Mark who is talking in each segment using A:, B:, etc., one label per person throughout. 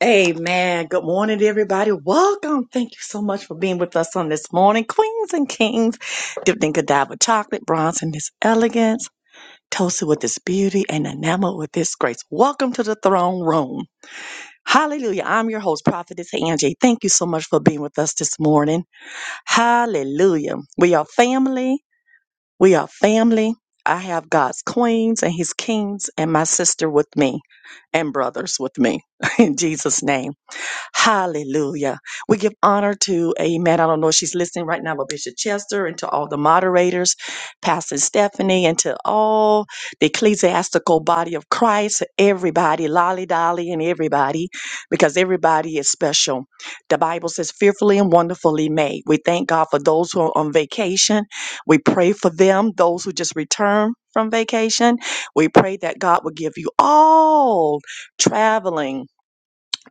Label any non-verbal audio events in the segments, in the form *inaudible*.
A: Amen. Good morning, everybody. Welcome. Thank you so much for being with us on this morning. Queens and kings, dipped in Godiva chocolate, bronze in this elegance, toasted with this beauty, and enamored with this grace. Welcome to the throne room. Hallelujah. I'm your host, Prophetess Angie. Thank you so much for being with us this morning. Hallelujah. We are family. We are family. I have God's queens and his kings and my sister with me and brothers with me *laughs* in Jesus name. Hallelujah. We give honor to amen. I don't know if she's listening right now, but Bishop Chester and to all the moderators, Pastor Stephanie and to all the ecclesiastical body of Christ, everybody, lolly dolly and everybody, because everybody is special. The Bible says fearfully and wonderfully made. We thank God for those who are on vacation we pray for them, those who just returned from vacation. We pray that God will give you all traveling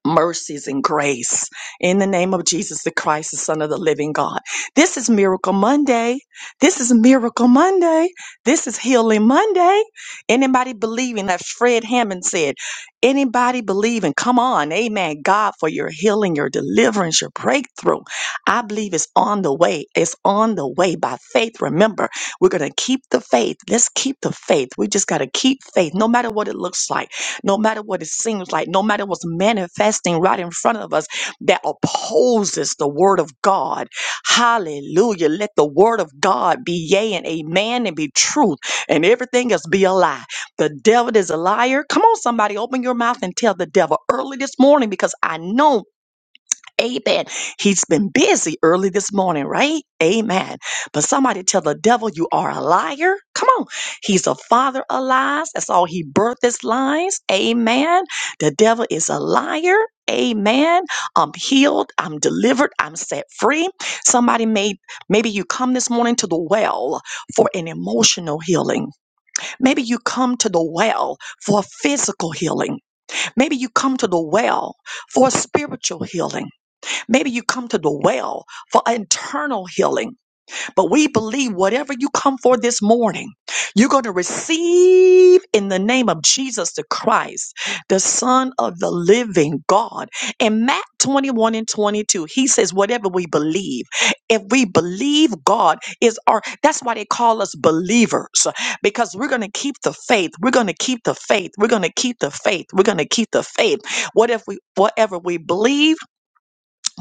A: mercies and grace in the name of Jesus the Christ, the Son of the living God. This is Miracle Monday. This is Miracle Monday. This is Healing Monday. Anybody believing that Fred Hammond said, anybody believing, come on, amen, God, for your healing, your deliverance, your breakthrough. I believe it's on the way. It's on the way by faith. Remember, we're going to keep the faith. Let's keep the faith. We just got to keep faith no matter what it looks like no matter what it seems like, no matter what's manifesting right in front of us that opposes the word of God. Hallelujah. Let the word of God be yea and amen and be truth, and everything else be a lie. The devil is a liar. Come on, somebody, open your mouth and tell the devil early this morning because I know Amen. He's been busy early this morning, right? Amen. But somebody tell the devil you are a liar. Come on. He's a father of lies. That's all he birthed is lies. Amen. The devil is a liar. Amen. I'm healed. I'm delivered. I'm set free. Somebody may, maybe you come this morning to the well for an emotional healing. Maybe you come to the well for physical healing. Maybe you come to the well for spiritual healing. Maybe you come to the well for internal healing, but we believe whatever you come for this morning, you're going to receive in the name of Jesus the Christ, the Son of the living God. In Matt 21 and 22, he says, Whatever we believe, if we believe God is our, that's why they call us believers, because we're going to keep the faith. We're going to keep the faith. We're going to keep the faith. We're going to keep the faith. What if we, whatever we believe,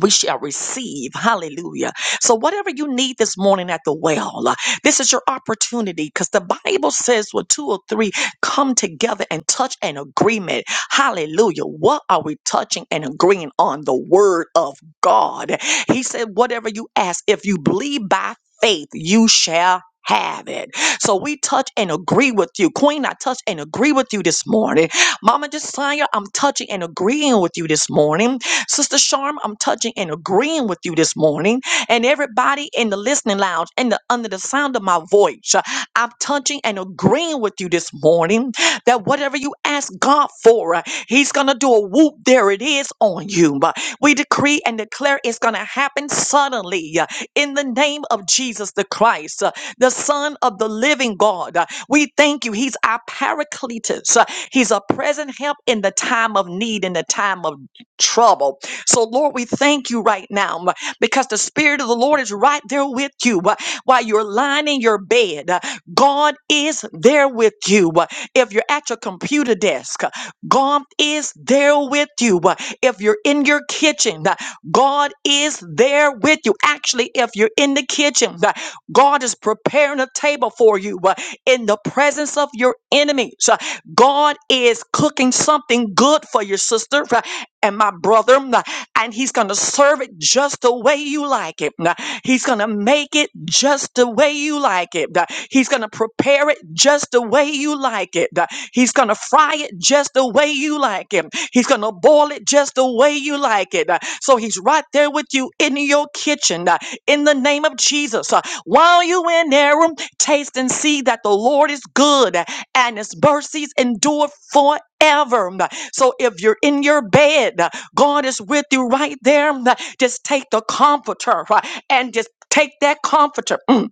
A: we shall receive. Hallelujah. So, whatever you need this morning at the well, uh, this is your opportunity because the Bible says, "Where two or three come together and touch an agreement." Hallelujah. What are we touching and agreeing on? The word of God. He said, Whatever you ask, if you believe by faith, you shall. Have it. So we touch and agree with you. Queen, I touch and agree with you this morning. Mama Josiah, I'm touching and agreeing with you this morning. Sister Sharm, I'm touching and agreeing with you this morning. And everybody in the listening lounge and the, under the sound of my voice, uh, I'm touching and agreeing with you this morning that whatever you ask God for, uh, He's going to do a whoop. There it is on you. Uh, We decree and declare it's going to happen suddenly uh, in the name of Jesus the Christ, uh, the Son of the living God. Uh, We thank you. He's our paracletus. Uh, He's a present help in the time of need, in the time of trouble so, Lord, we thank you right now um, because the Spirit of the Lord is right there with you uh, while you're lying in your bed. Uh, God is there with you. Uh, If you're at your computer desk, uh, God is there with you. Uh, If you're in your kitchen, uh, God is there with you. Actually, if you're in the kitchen, uh, God is preparing a table for you uh, in the presence of your enemies. Uh, God is cooking something good for your sister uh, and my brother and he's going to serve it just the way you like it. Now, He's going to make it just the way you like it. Now, He's going to prepare it just the way you like it. Now, He's going to fry it just the way you like it. He's going to boil it just the way you like it. Now, So he's right there with you in your kitchen now, in the name of Jesus. Uh, While you in there, um, taste and see that the Lord is good uh, and his mercies endure forever. Um, So if you're in your bed, nah, God is with you right there. Just take the comforter uh, and just take that comforter mm,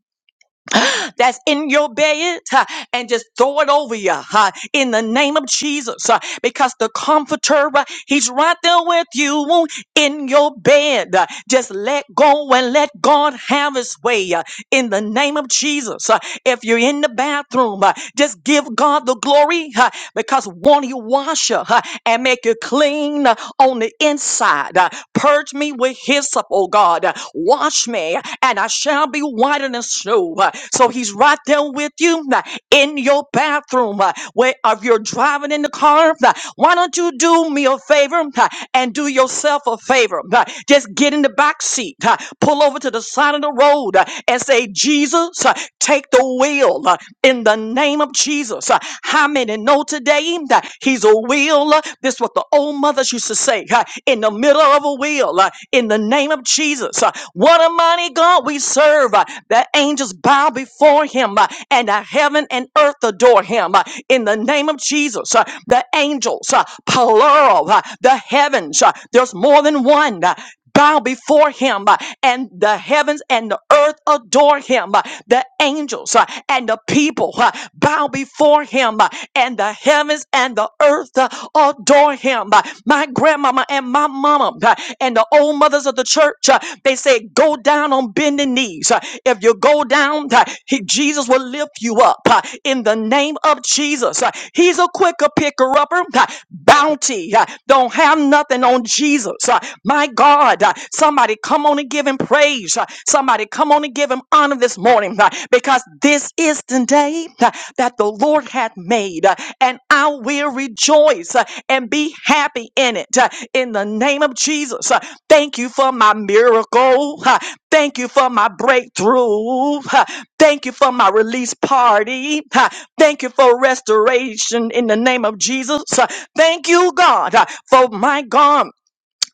A: that's in your bed uh, and just throw it over you uh, in the name of Jesus uh, because the comforter, uh, he's right there with you in your bed. Uh, Just let go and let God have his way uh, in the name of Jesus. Uh, If you're in the bathroom, uh, just give God the glory uh, because won't he wash you uh, and make you clean? uh, on the inside. Uh, Purge me with hyssop, oh God. Uh, Wash me, and I shall be whiter than snow. Uh, So he's right there with you uh, in your bathroom. uh, Where if you're driving in the car, uh, why don't you do me a favor uh, and do yourself a favor? uh, Just get in the back seat, uh, pull over to the side of the road, uh, and say, Jesus, uh, take the wheel. uh, in the name of Jesus. Uh, How many know today that he's a wheel? Uh, This is what the old mothers used to say uh, in the middle of a wheel, uh, in the name of Jesus. Uh, What a mighty God we serve. uh, The angels bow before him uh, and the heaven and earth adore him uh, in the name of Jesus. Uh, The angels, uh, plural, uh, the heavens, uh, there's more than one. uh, bow before him, uh, and the heavens and the earth adore him. uh, The angels uh, and the people uh, bow before him, uh, and the heavens and the earth uh, adore him. Uh, My grandmama and my mama uh, and the old mothers of the church, uh, they said, Go down on bended knees. Uh, If you go down, uh, he- Jesus will lift you up. Uh, In the in the name of Jesus. Uh, He's a quicker picker upper. Uh, Bounty. uh, Don't have nothing on Jesus. Uh, My God. uh, Somebody come on and give him praise. Uh, Somebody come on and give him honor this morning uh, because this is the day uh, that the Lord hath made uh, and I will rejoice uh, and be happy in it. uh, In the name of Jesus. Uh, Thank you for my miracle. Uh, Thank you for my breakthrough. *laughs* Thank you for my release party. Ha. Thank you for restoration in the name of Jesus. Ha. Thank you, God, ha, for my God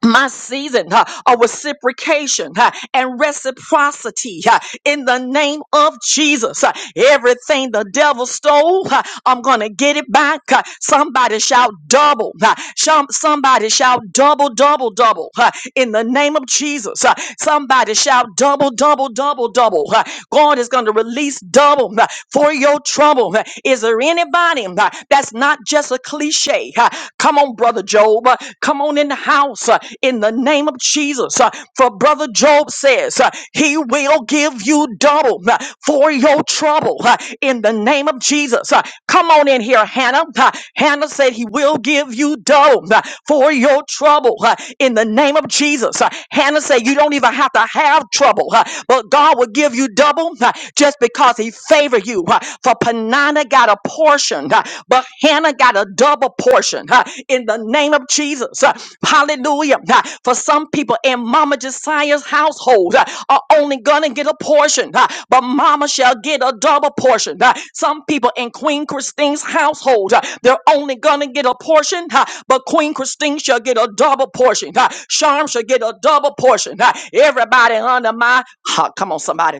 A: my season uh, of reciprocation uh, and reciprocity uh, in the name of Jesus. Uh, everything the devil stole, uh, I'm going to get it back. Uh, somebody shout double. Uh, some- somebody shout double, double, double uh, in the name of Jesus. Uh, somebody shout double, double, double, double. Uh, God is going to release double uh, for your trouble. Uh, Is there anybody uh, that's not just a cliche? Uh, Come on, Brother Job. Uh, Come on in the house. huh in the name of Jesus. Uh, For Brother Job says, uh, He will give you double uh, for your trouble uh, in the name of Jesus. Uh, Come on in here, Hannah. Uh, Hannah said, He will give you double uh, for your trouble uh, in the name of Jesus. Uh, Hannah said, You don't even have to have trouble, uh, but God will give you double uh, just because He favored you. uh, For Panana got a portion. uh, but Hannah got a double portion huh, in the name of Jesus. huh. Hallelujah. huh. For some people in Mama Josiah's household huh, are only going to get a portion, huh, but Mama shall get a double portion. huh. Some people in Queen Christine's household, huh, they're only going to get a portion, huh, but Queen Christine shall get a double portion. huh. Sharm shall get a double portion. huh. Everybody under my, huh, come on, somebody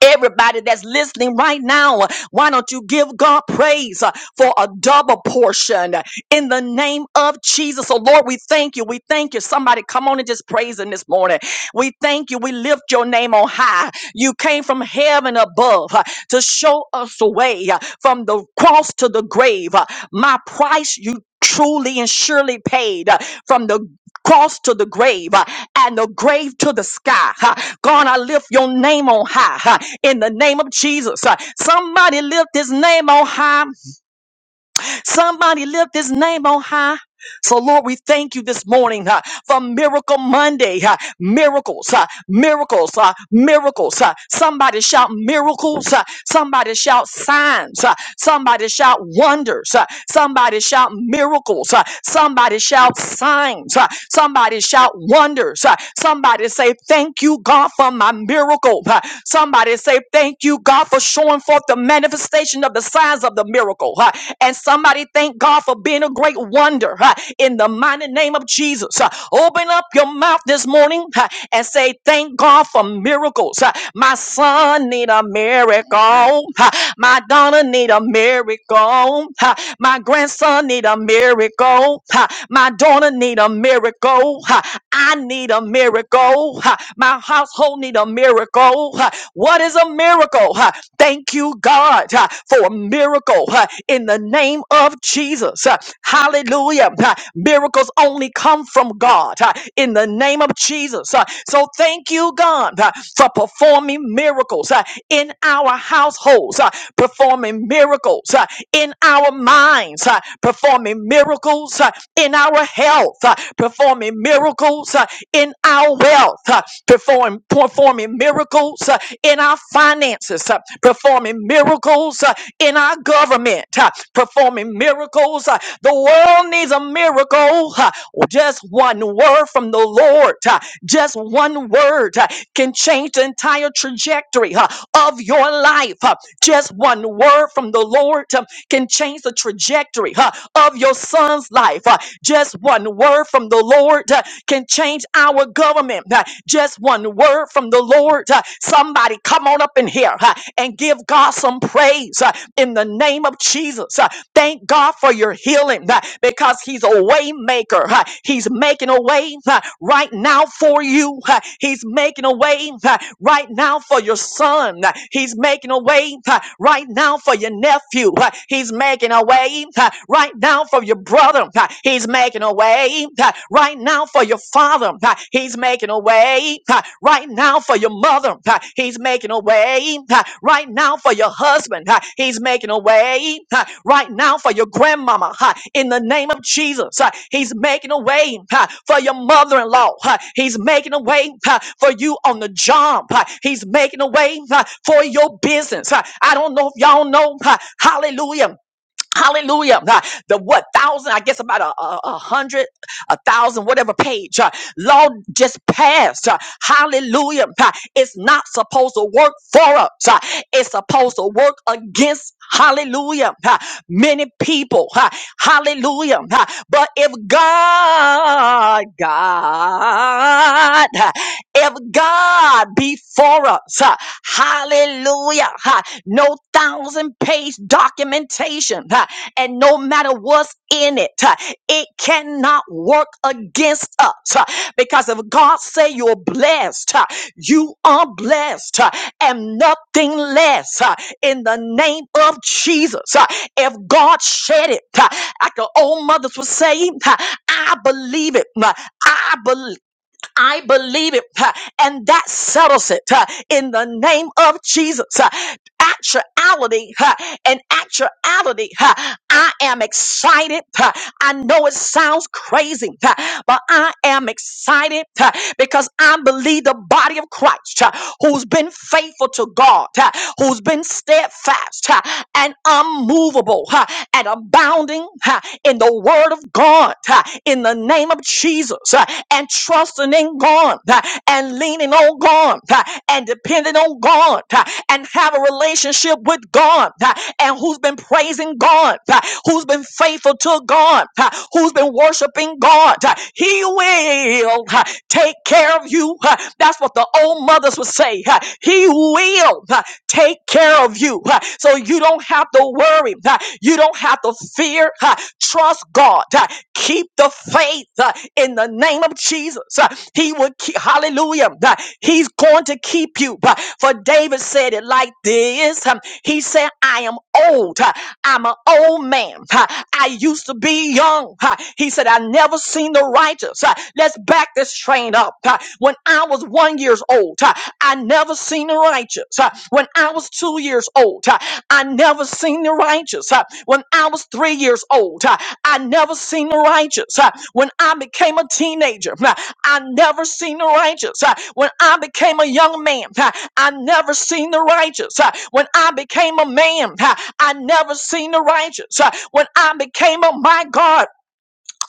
A: Everybody that's listening right now, why don't you give God praise uh, for a double portion in the name of Jesus? So, Lord, we thank you. We thank you. Somebody come on and just praise Him this morning. We thank you. We lift your name on high. You came from heaven above uh, to show us the way uh, from the cross to the grave. Uh, My price you truly and surely paid uh, from the cross to the grave uh, and the grave to the sky. uh, God, I lift your name on high uh, in the name of Jesus. uh, Somebody lift his name on high. Somebody lift his name on high. So, Lord, we thank you this morning uh, for Miracle Monday. uh, miracles, uh, miracles, uh, miracles. uh, somebody shout miracles. uh, somebody shout signs. uh, somebody shout wonders. uh, somebody shout miracles. uh, somebody shout signs. uh, somebody shout wonders. uh, somebody say, Thank you, God, for my miracle. uh, somebody say, Thank you, God, for showing forth the manifestation of the signs of the miracle. uh, and somebody thank God for being a great wonder huh, in the mighty name of Jesus. Huh, Open up your mouth this morning huh, and say, Thank God for miracles. Huh, My son need a miracle. Huh, My daughter need a miracle. Huh, My grandson need a miracle. Huh, My daughter need a miracle. Huh, I need a miracle. Huh, My household need a miracle. Huh, What is a miracle? Huh? Thank you, God, uh, for a miracle uh, in the name of Jesus. Uh, Hallelujah. Uh, Miracles only come from God uh, in the name of Jesus. Uh, So thank you, God, uh, for performing miracles uh, in our households, uh, performing miracles uh, in our minds, uh, performing miracles uh, in our health, uh, performing miracles uh, in our wealth, uh, perform, performing miracles uh, in our finances, uh, performing miracles uh, in our government, uh, performing miracles. uh, The world needs a miracle. uh, Just one word from the Lord, uh, just one word uh, can change the entire trajectory uh, of your life. uh, Just one word from the Lord uh, can change the trajectory uh, of your son's life. uh, Just one word from the Lord uh, can change our government. Uh, Just one word from the Lord. Uh, Somebody come on up in here uh, and give God some praise uh, in the name of Jesus. Uh, Thank God for your healing uh, because He's a way maker. uh, He's making a way uh, right now for you. uh, He's making a way uh, right now for your son. uh, He's making a way uh, right now for your nephew. uh, He's making a way uh, right now for your brother. uh, He's making a way uh, right now for your father. uh, He's making a way way uh, right now for your mother. uh, He's making a way uh, right now for your husband. uh, He's making a way uh, right now for your grandmama. uh, In the name of Jesus, uh, He's making a way uh, for your mother in law. He's making a way uh, for you on the job. uh, He's making a way uh, for your business. uh, I don't know if y'all know. uh, Hallelujah. Hallelujah. Uh, The what thousand, I guess about a, a, a hundred, a thousand, whatever page. Uh, law just passed. Uh, hallelujah. Uh, it's not supposed to work for us. Uh, it's supposed to work against hallelujah. Uh, many people. Uh, hallelujah. Uh, but if God, God if God be for us, huh, hallelujah, huh, no thousand page documentation, huh, and no matter what's in it, huh, it cannot work against us. huh, Because if God say you're blessed, huh, you are blessed huh, and nothing less huh, in the name of Jesus. huh. If God said it, huh, like the old mothers would say, huh, I believe it. huh, I believe. I believe it, uh, and that settles it uh, in the name of Jesus. uh, Actuality uh, and actuality, uh, I am excited. uh, I know it sounds crazy, uh, but I am excited uh, because I believe the body of Christ uh, who's been faithful to God, uh, who's been steadfast uh, and unmovable uh, and abounding uh, in the word of God uh, in the name of Jesus. Jesus uh, and trusting in God uh, and leaning on God uh, and depending on God uh, and have a relationship with God uh, and who's been praising God, uh, who's been faithful to God, uh, who's been worshiping God. uh, He will uh, take care of you. uh, That's what the old mothers would say. uh, He will uh, take care of you. uh, So you don't have to worry. uh, You don't have to fear. uh, Trust God. Uh, Keep the faith uh, in the name of Jesus. Uh, He would keep, hallelujah. Uh, He's going to keep you. Uh, For David said it like this. Um, He said, I am old. Uh, I'm an old man. Uh, I used to be young. Uh, He said, I never seen the righteous. Uh, Let's back this train up. Uh, When I was one years old, uh, I never seen the righteous. Uh, When I was two years old, uh, I never seen the righteous. Uh, When I was three years old. Uh, I never seen the righteous. Uh, When I became a teenager, uh, I never seen the righteous. Uh, When I became a young man, uh, I never seen the righteous. Uh, When I became a man, uh, I never seen the righteous. Uh, When I became a my God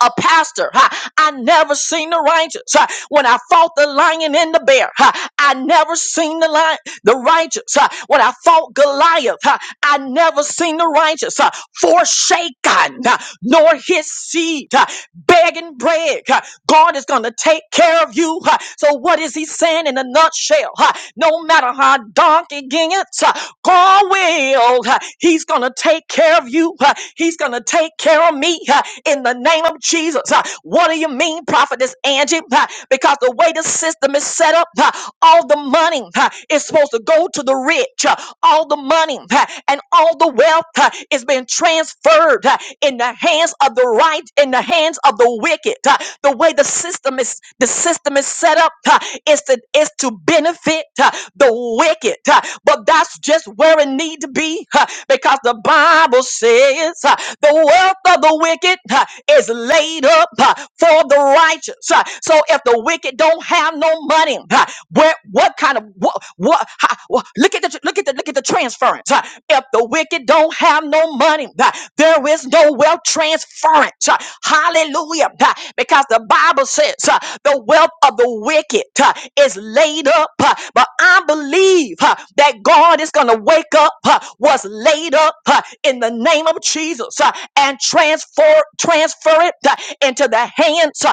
A: a pastor. huh, I never seen the righteous. huh. When I fought the lion and the bear, huh, I never seen the lion, the righteous. huh. When I fought Goliath, huh, I never seen the righteous huh, forsaken, huh, nor his seed huh, begging bread. huh. God is going to take care of you. huh. So what is he saying in a nutshell? huh? No matter how dark it gets, huh, God will. huh, He's going to take care of you. huh, He's going to take care of me. huh? in the name of Jesus. Uh, What do you mean, prophetess Angie? Uh, Because the way the system is set up, uh, all the money uh, is supposed to go to the rich. Uh, All the money uh, and all the wealth uh, is being transferred uh, in the hands of the right, in the hands of the wicked. Uh, The way the system is the system is set up uh, is to is to benefit uh, the wicked. Uh, But that's just where it need to be uh, because the Bible says is. uh, The wealth of the wicked uh, is laid up uh, for the righteous. Uh, So if the wicked don't have no money, uh, where what kind of what, what how, wha- look at the look at the look at the transference. uh, If the wicked don't have no money, uh, there is no wealth transference. uh, Hallelujah. uh, Because the Bible says uh, the wealth of the wicked uh, is laid up. uh, But I believe uh, that God is going to wake up uh, what's laid up uh, in the name of Jesus uh, and transfer transfer it uh, into the hands uh,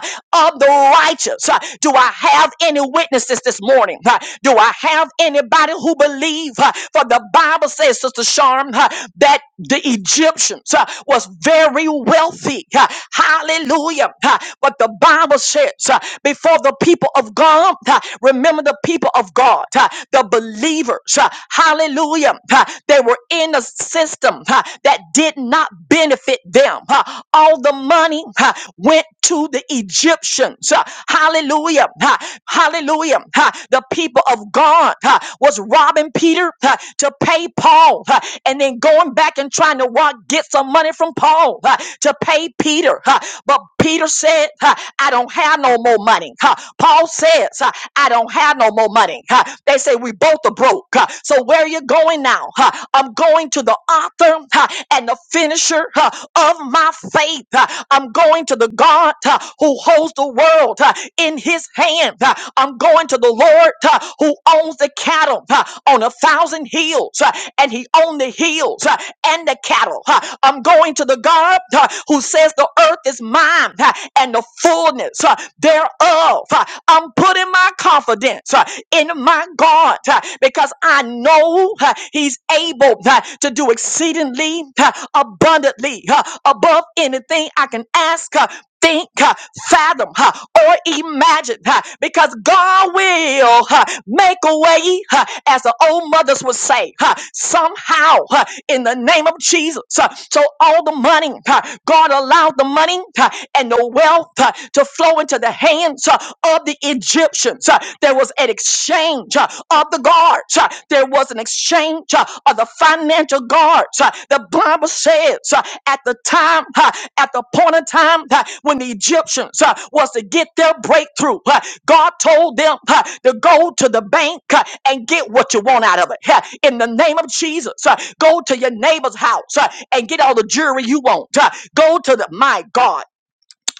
A: of the righteous. Uh, Do I have any witnesses this morning? Uh, Do I have anybody who believe? uh, For the Bible says, Sister Sharm, uh, that the Egyptians uh, was very wealthy. Uh, Hallelujah. Uh, But the Bible says, uh, before the people of God, uh, remember the people of God, uh, the believers. Uh, Hallelujah. Ha, They were in a system ha, that did not benefit them. Ha, All the money ha, went to the Egyptians. Ha, Hallelujah. Ha, Hallelujah. Ha, The people of God ha, was robbing Peter ha, to pay Paul ha, and then going back and trying to rob, get some money from Paul ha, to pay Peter. ha. But Peter said, ha, I don't have no more money. ha. Paul says, ha, I don't have no more money huh? They say we both are broke. huh? So where are you going now? huh? I'm going to the author huh, and the finisher huh, of my faith. huh? I'm going to the God huh, who holds the world huh, in his hand. huh? I'm going to the Lord huh, who owns the cattle huh, on a thousand hills huh, and he owns the hills huh, and the cattle. huh? I'm going to the God huh, who says the earth is mine huh, and the fullness huh, thereof. huh? I'm putting my confidence uh, in my God uh, because I know uh, He's able uh, to do exceedingly uh, abundantly uh, above anything I can ask, uh, think, uh, fathom, uh, or imagine uh, because God will uh, make a way, uh, as the old mothers would say, uh, somehow uh, in the name of Jesus. Uh, so all the money, uh, God allowed the money uh, and the wealth uh, to flow go into the hands uh, of the Egyptians. Uh, There was an exchange uh, of the guards. Uh, There was an exchange uh, of the financial guards. Uh, The Bible says uh, at the time, uh, at the point in time uh, when the Egyptians uh, was to get their breakthrough, uh, God told them uh, to go to the bank uh, and get what you want out of it. Uh, In the name of Jesus, uh, go to your neighbor's house uh, and get all the jewelry you want. Uh, Go to the, my God.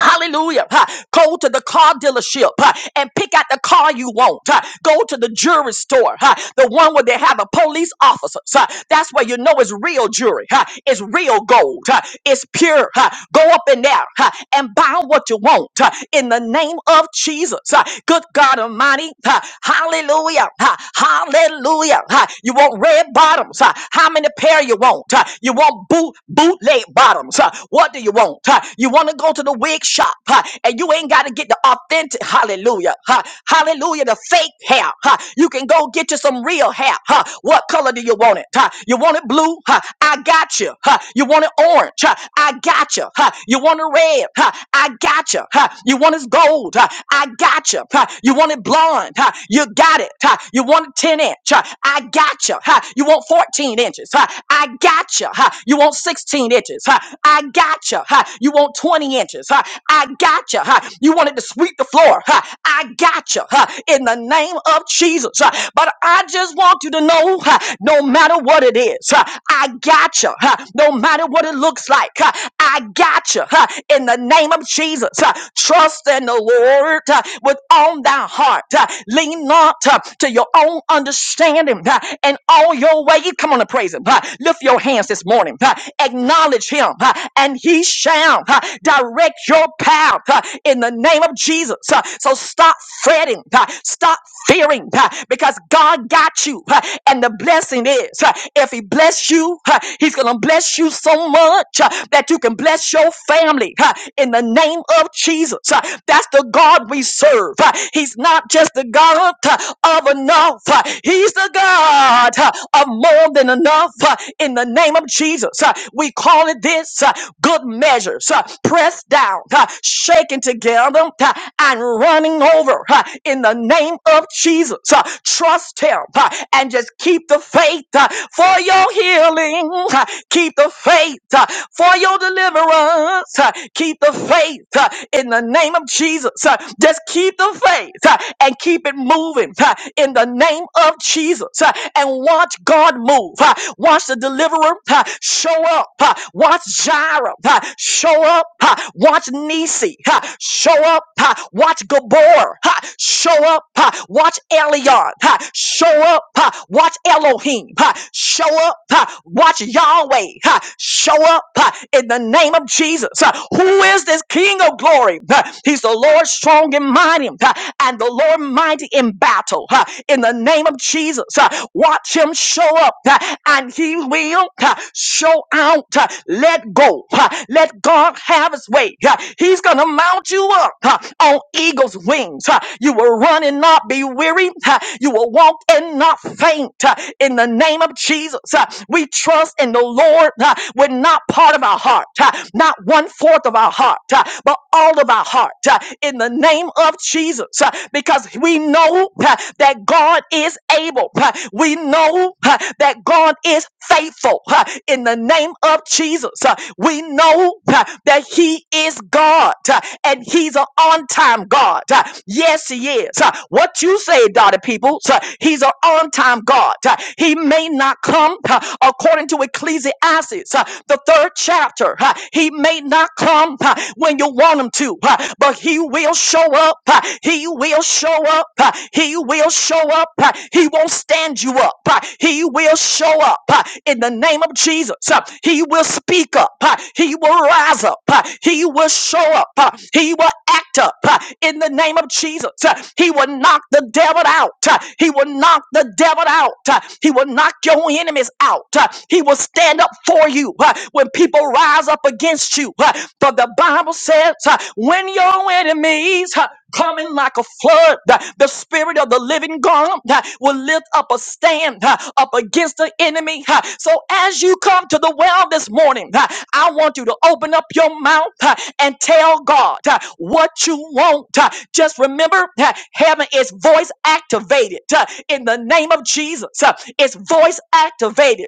A: Hallelujah. Ha. Go to the car dealership ha, and pick out the car you want. ha. Go to the jury store, ha, the one where they have a police officer. Ha. That's where you know it's real jury. ha. It's real gold. ha. It's pure. ha. Go up in there ha, and buy what you want ha, in the name of Jesus. ha. Good God Almighty. ha. Hallelujah. ha. Hallelujah. ha. You want red bottoms. ha. How many pair you want? ha? You want boot bootleg bottoms. Ha. What do you want? Huh? You want to go to the wig shop huh? and you ain't got to get the authentic, hallelujah, huh? hallelujah, the fake hair. Huh? You can go get you some real hair. Huh? What color do you want it? Huh? You want it blue? Huh? I got you. Huh? You want it orange? Huh? I got you. Huh? You want it red? Huh? I got you. Huh? You want it gold? Huh? I got you. Huh? You want it blonde? Huh? You got it. Huh? You want it 10 inch? Huh? I got you. Huh? You want 14 inches? Huh? I got you. Huh? You want 16 inches? Huh? I gotcha. Huh? You want 20 inches? Huh? I gotcha. Huh? You wanted to sweep the floor? Huh? I gotcha. Huh? In the name of Jesus. Huh? But I just want you to know, huh? no matter what it is, huh? I gotcha. Huh? No matter what it looks like, huh? I gotcha. Huh? In the name of Jesus. Huh? Trust in the Lord huh? with all thy heart. huh? Lean not huh, to your own understanding huh? and all your ways. Come on and praise him. Ah, Lift your hands this morning. Ah, Acknowledge him, ah, and he shall ah, direct your path ah, in the name of Jesus. Ah, So stop fretting. ah, Stop fearing ah, because God got you. ah, And the blessing is ah, if he bless you, ah, he's going to bless you so much ah, that you can bless your family ah, in the name of Jesus. Ah, That's the God we serve. Ah, He's not just the God ah, of enough. Uh, he's He's the God uh, of more than enough uh, in the name of Jesus. Uh, We call it this uh, good measures, uh, pressed down, uh, shaken together, uh, and running over uh, in the name of Jesus. Uh, Trust Him uh, and just keep the faith uh, for your healing. Uh, Keep the faith uh, for your deliverance. Uh, Keep the faith uh, in the name of Jesus. Uh, Just keep the faith uh, and keep it moving moving uh, in the name of Jesus uh, and watch God move. uh, Watch the deliverer uh, show up. uh, Watch Jireh uh, show up. uh, Watch Nisi uh, show up. uh, Watch Gabor uh, show up. uh, Watch Elion uh, show up. uh, Watch Elohim uh, show up. uh, Watch Yahweh uh, show up uh, in the name of Jesus. Uh, Who is this King of glory? Uh, He's the Lord strong and mighty mighty uh, and the Lord mighty in battle. uh, In the name of Jesus, uh, watch him show up uh, and he will uh, show out. uh, Let go. uh, Let God have his way. uh, He's going to mount you up uh, on eagle's wings. uh, You will run and not be weary. uh, You will walk and not faint. uh, In the name of Jesus, uh, we trust in the Lord uh, with not part of our heart, uh, not one fourth of our heart, uh, but all all of our heart uh, in the name of Jesus uh, because we know uh, that God is able. uh, We know uh, that God is faithful uh, in the name of Jesus. uh, We know uh, that He is God uh, and He's an on time God. uh, Yes, He is. Uh, What you say, daughter people, uh, He's an on time God. uh, He may not come uh, according to Ecclesiastes, uh, the third chapter. uh, He may may not come uh, when you want him to, uh, but he will show up. uh, He will show up. uh, He will show up. uh, He won't stand you up. uh, He will show up uh, in the name of Jesus. uh, He will speak up. uh, He will rise up. uh, He will show up. uh, He will act up uh, in the name of Jesus. uh, He will knock the devil out. uh, He will knock the devil out. uh, He will knock your enemies out. uh, He will stand up for you uh, when people rise up against you. uh, For the Bible says, uh, when your enemies uh, coming like a flood. The, the spirit of the living God uh, will lift up a stand uh, up against the enemy. uh. So as you come to the well this morning, uh, I want you to open up your mouth uh, and tell God uh, what you want. uh. Just remember, uh, heaven is voice activated uh, in the name of Jesus. uh, It's voice activated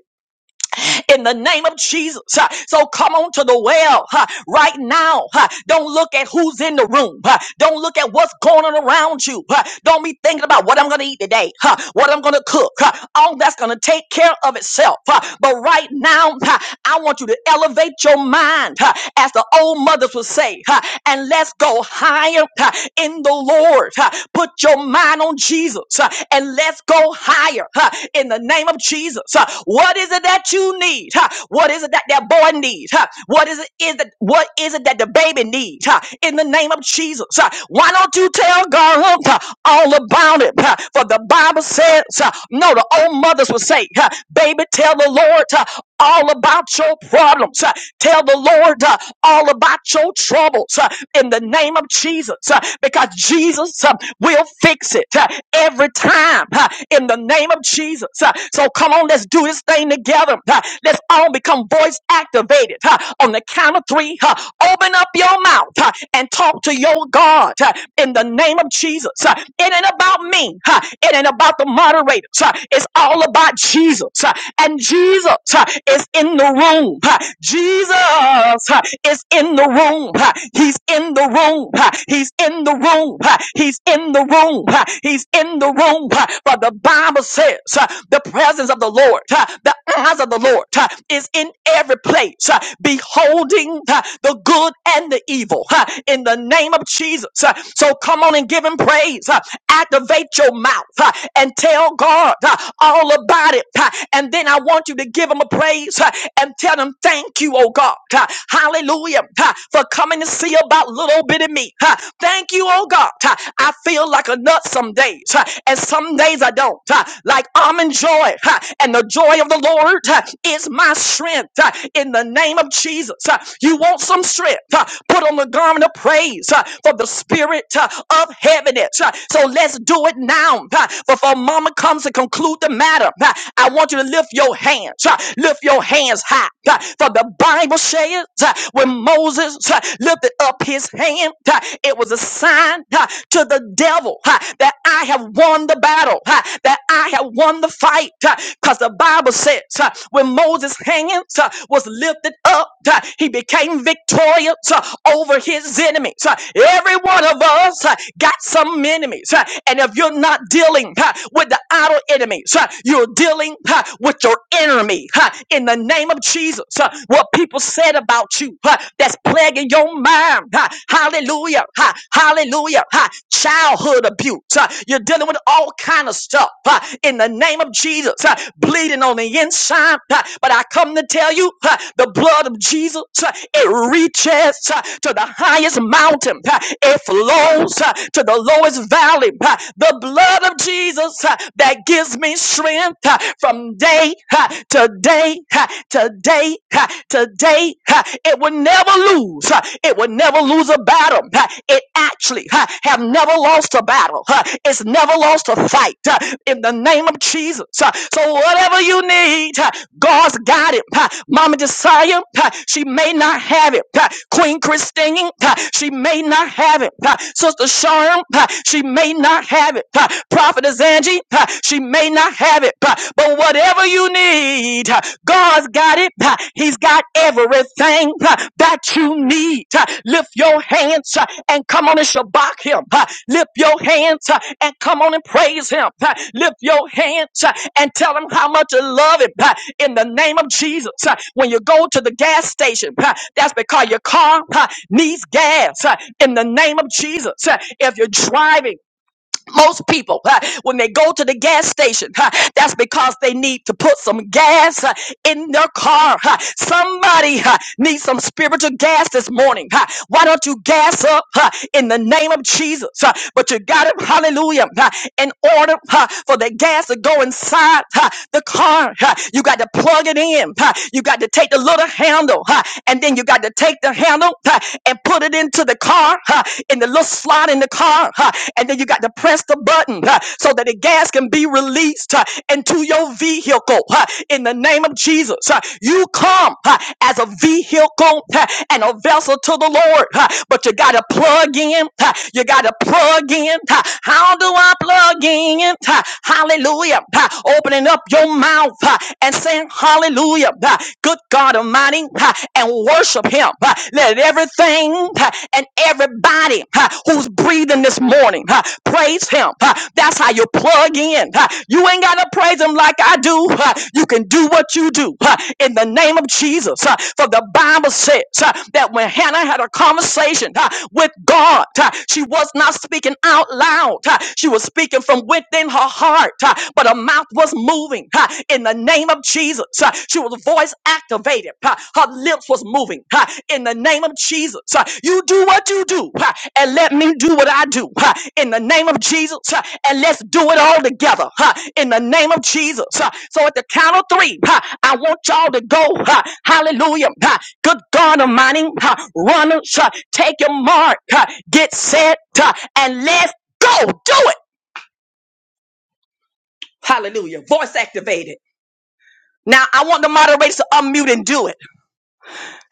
A: in the name of Jesus. huh. So come on to the well huh, right now. huh. Don't look at who's in the room. huh. Don't look at what's going on around you. huh. Don't be thinking about what I'm going to eat today, huh, what I'm going to cook. huh. All that's going to take care of itself. huh. But right now, huh, I want you to elevate your mind, huh, as the old mothers would say, huh, and let's go higher huh, in the Lord. huh. Put your mind on Jesus huh, and let's go higher huh, in the name name of Jesus. Huh. What is it that you need? Huh. What is it that that boy needs? Huh. What is it is that what is it that the baby needs? Huh. In the name of Jesus. Huh. Why don't you tell God huh, all about it? Huh. For the Bible says, huh, no, the old mothers would say, huh, baby, tell the Lord. huh, all about your problems. Uh, Tell the Lord uh, all about your troubles uh, in the name of Jesus uh, because Jesus uh, will fix it uh, every time uh, in the name of Jesus. Uh, So come on, let's do this thing together. Uh, Let's all become voice activated Uh, on the count of three. uh, Open up your mouth uh, and talk to your God uh, in the name of Jesus. Uh, It ain't about me. uh, It ain't about the moderators. Uh, It's all about Jesus. Uh, And Jesus uh, is in the room. uh, Jesus uh, is in the room. uh, He's in the room. uh, He's in the room. uh, He's in the room. uh, He's in the room. But the Bible says uh, the presence of the Lord, uh, the eyes of the Lord uh, is in every place, uh, beholding uh, the good and the evil uh, in the name of Jesus. uh, So come on and give him praise. uh, Activate your mouth uh, and tell God uh, all about it. uh, Ha, And then I want you to give him a praise ha, and tell him thank you, oh God. Ha, Hallelujah. Ha, For coming to see about little bit of me. Ha, Thank you, oh God. Ha, I feel like a nut some days, ha, and some days I don't. Ha, Like I'm in joy. ha, And the joy of the Lord ha, is my strength. ha, In the name of Jesus. Ha, You want some strength? ha, Put on the garment of praise ha, for the spirit ha, of heaviness. ha. So let's do it now. ha, Before mama comes to conclude the matter matter. Uh, I want you to lift your hands, uh, lift your hands high. uh, For the Bible says uh, when Moses uh, lifted up his hand, uh, it was a sign uh, to the devil uh, that I have won the battle, uh, that I have won the fight. Because the Bible says uh, when Moses' hands uh, was lifted up, uh, he became victorious uh, over his enemies. Uh, Every one of us uh, got some enemies. uh, And if you're not dealing uh, with the battle enemies. huh? You're dealing huh, with your enemy huh, in the name of Jesus. huh? What people said about you huh, that's plaguing your mind. huh? Hallelujah. huh? Hallelujah. huh? Childhood abuse. huh? You're dealing with all kind of stuff huh, in the name of Jesus. huh? Bleeding on the inside. huh? But I come to tell you huh, the blood of Jesus, huh, it reaches huh, to the highest mountain. huh? It flows huh, to the lowest valley. huh? The blood of Jesus. Jesus uh, that gives me strength uh, from day uh, to day uh, to day uh, to day. uh, It will never lose. uh, It will never lose a battle. uh, It actually uh, have never lost a battle. uh, It's never lost a fight uh, in the name of Jesus. uh, So whatever you need, uh, God's got it. uh, Mama Josiah, uh, she may not have it. uh, Queen Christine, uh, she may not have it. uh, Sister Sharm, uh, she may not have it it. Uh, Prophetess Angie, uh, she may not have it, uh, but whatever you need, uh, God's got it. Uh, He's got everything uh, that you need. Uh, Lift your hands uh, and come on and shabak him. Uh, Lift your hands uh, and come on and praise him. Uh, Lift your hands uh, and tell him how much you love him uh, in the name of Jesus. Uh, When you go to the gas station, uh, that's because your car uh, needs gas uh, in the name of Jesus. Uh, If you're driving, most people, uh, when they go to the gas station, uh, that's because they need to put some gas uh, in their car. uh. Somebody uh, needs some spiritual gas this morning. uh. Why don't you gas up uh, in the name of Jesus? uh, But you got it, hallelujah. uh, In order uh, for the gas to go inside uh, the car, uh, you got to plug it in. uh, You got to take the little handle, uh, and then you got to take the handle uh, and put it into the the car huh, in the little slot in the car, huh, and then you got to press the button huh, so that the gas can be released huh, into your vehicle. huh, in the name of Jesus, huh. you come huh, as a vehicle huh, and a vessel to the Lord, huh, but you got to plug in. huh, you got to plug in. huh. how do I plug in? huh? hallelujah. huh. opening up your mouth huh, and saying hallelujah. huh. good God Almighty everybody ha, and worship him. ha. Let everything ha, and everybody ha, who's breathing this morning ha, praise him. ha. That's how you plug in. ha. You ain't got to praise him like I do. ha. You can do what you do ha, in the name of Jesus. ha. For the Bible says ha, that when Hannah had a conversation ha, with God, ha, she was not speaking out loud. ha. She was speaking from within her heart, ha, but her mouth was moving. *laughs* uh, in the name of Jesus. uh, She was voice activated. uh, Her lips was moving uh, in the name of Jesus. uh, You do what you do uh, and let me do what I do uh, in the name of Jesus. uh, And let's do it all together uh, in the name of Jesus. uh. So at the count of three, uh, I want y'all to go. uh, Hallelujah. uh, Good God Almighty, uh, runners, uh, take your mark, uh, get set, uh, and let's go do it. Hallelujah. Voice activated. Now I want the moderators to unmute and do it.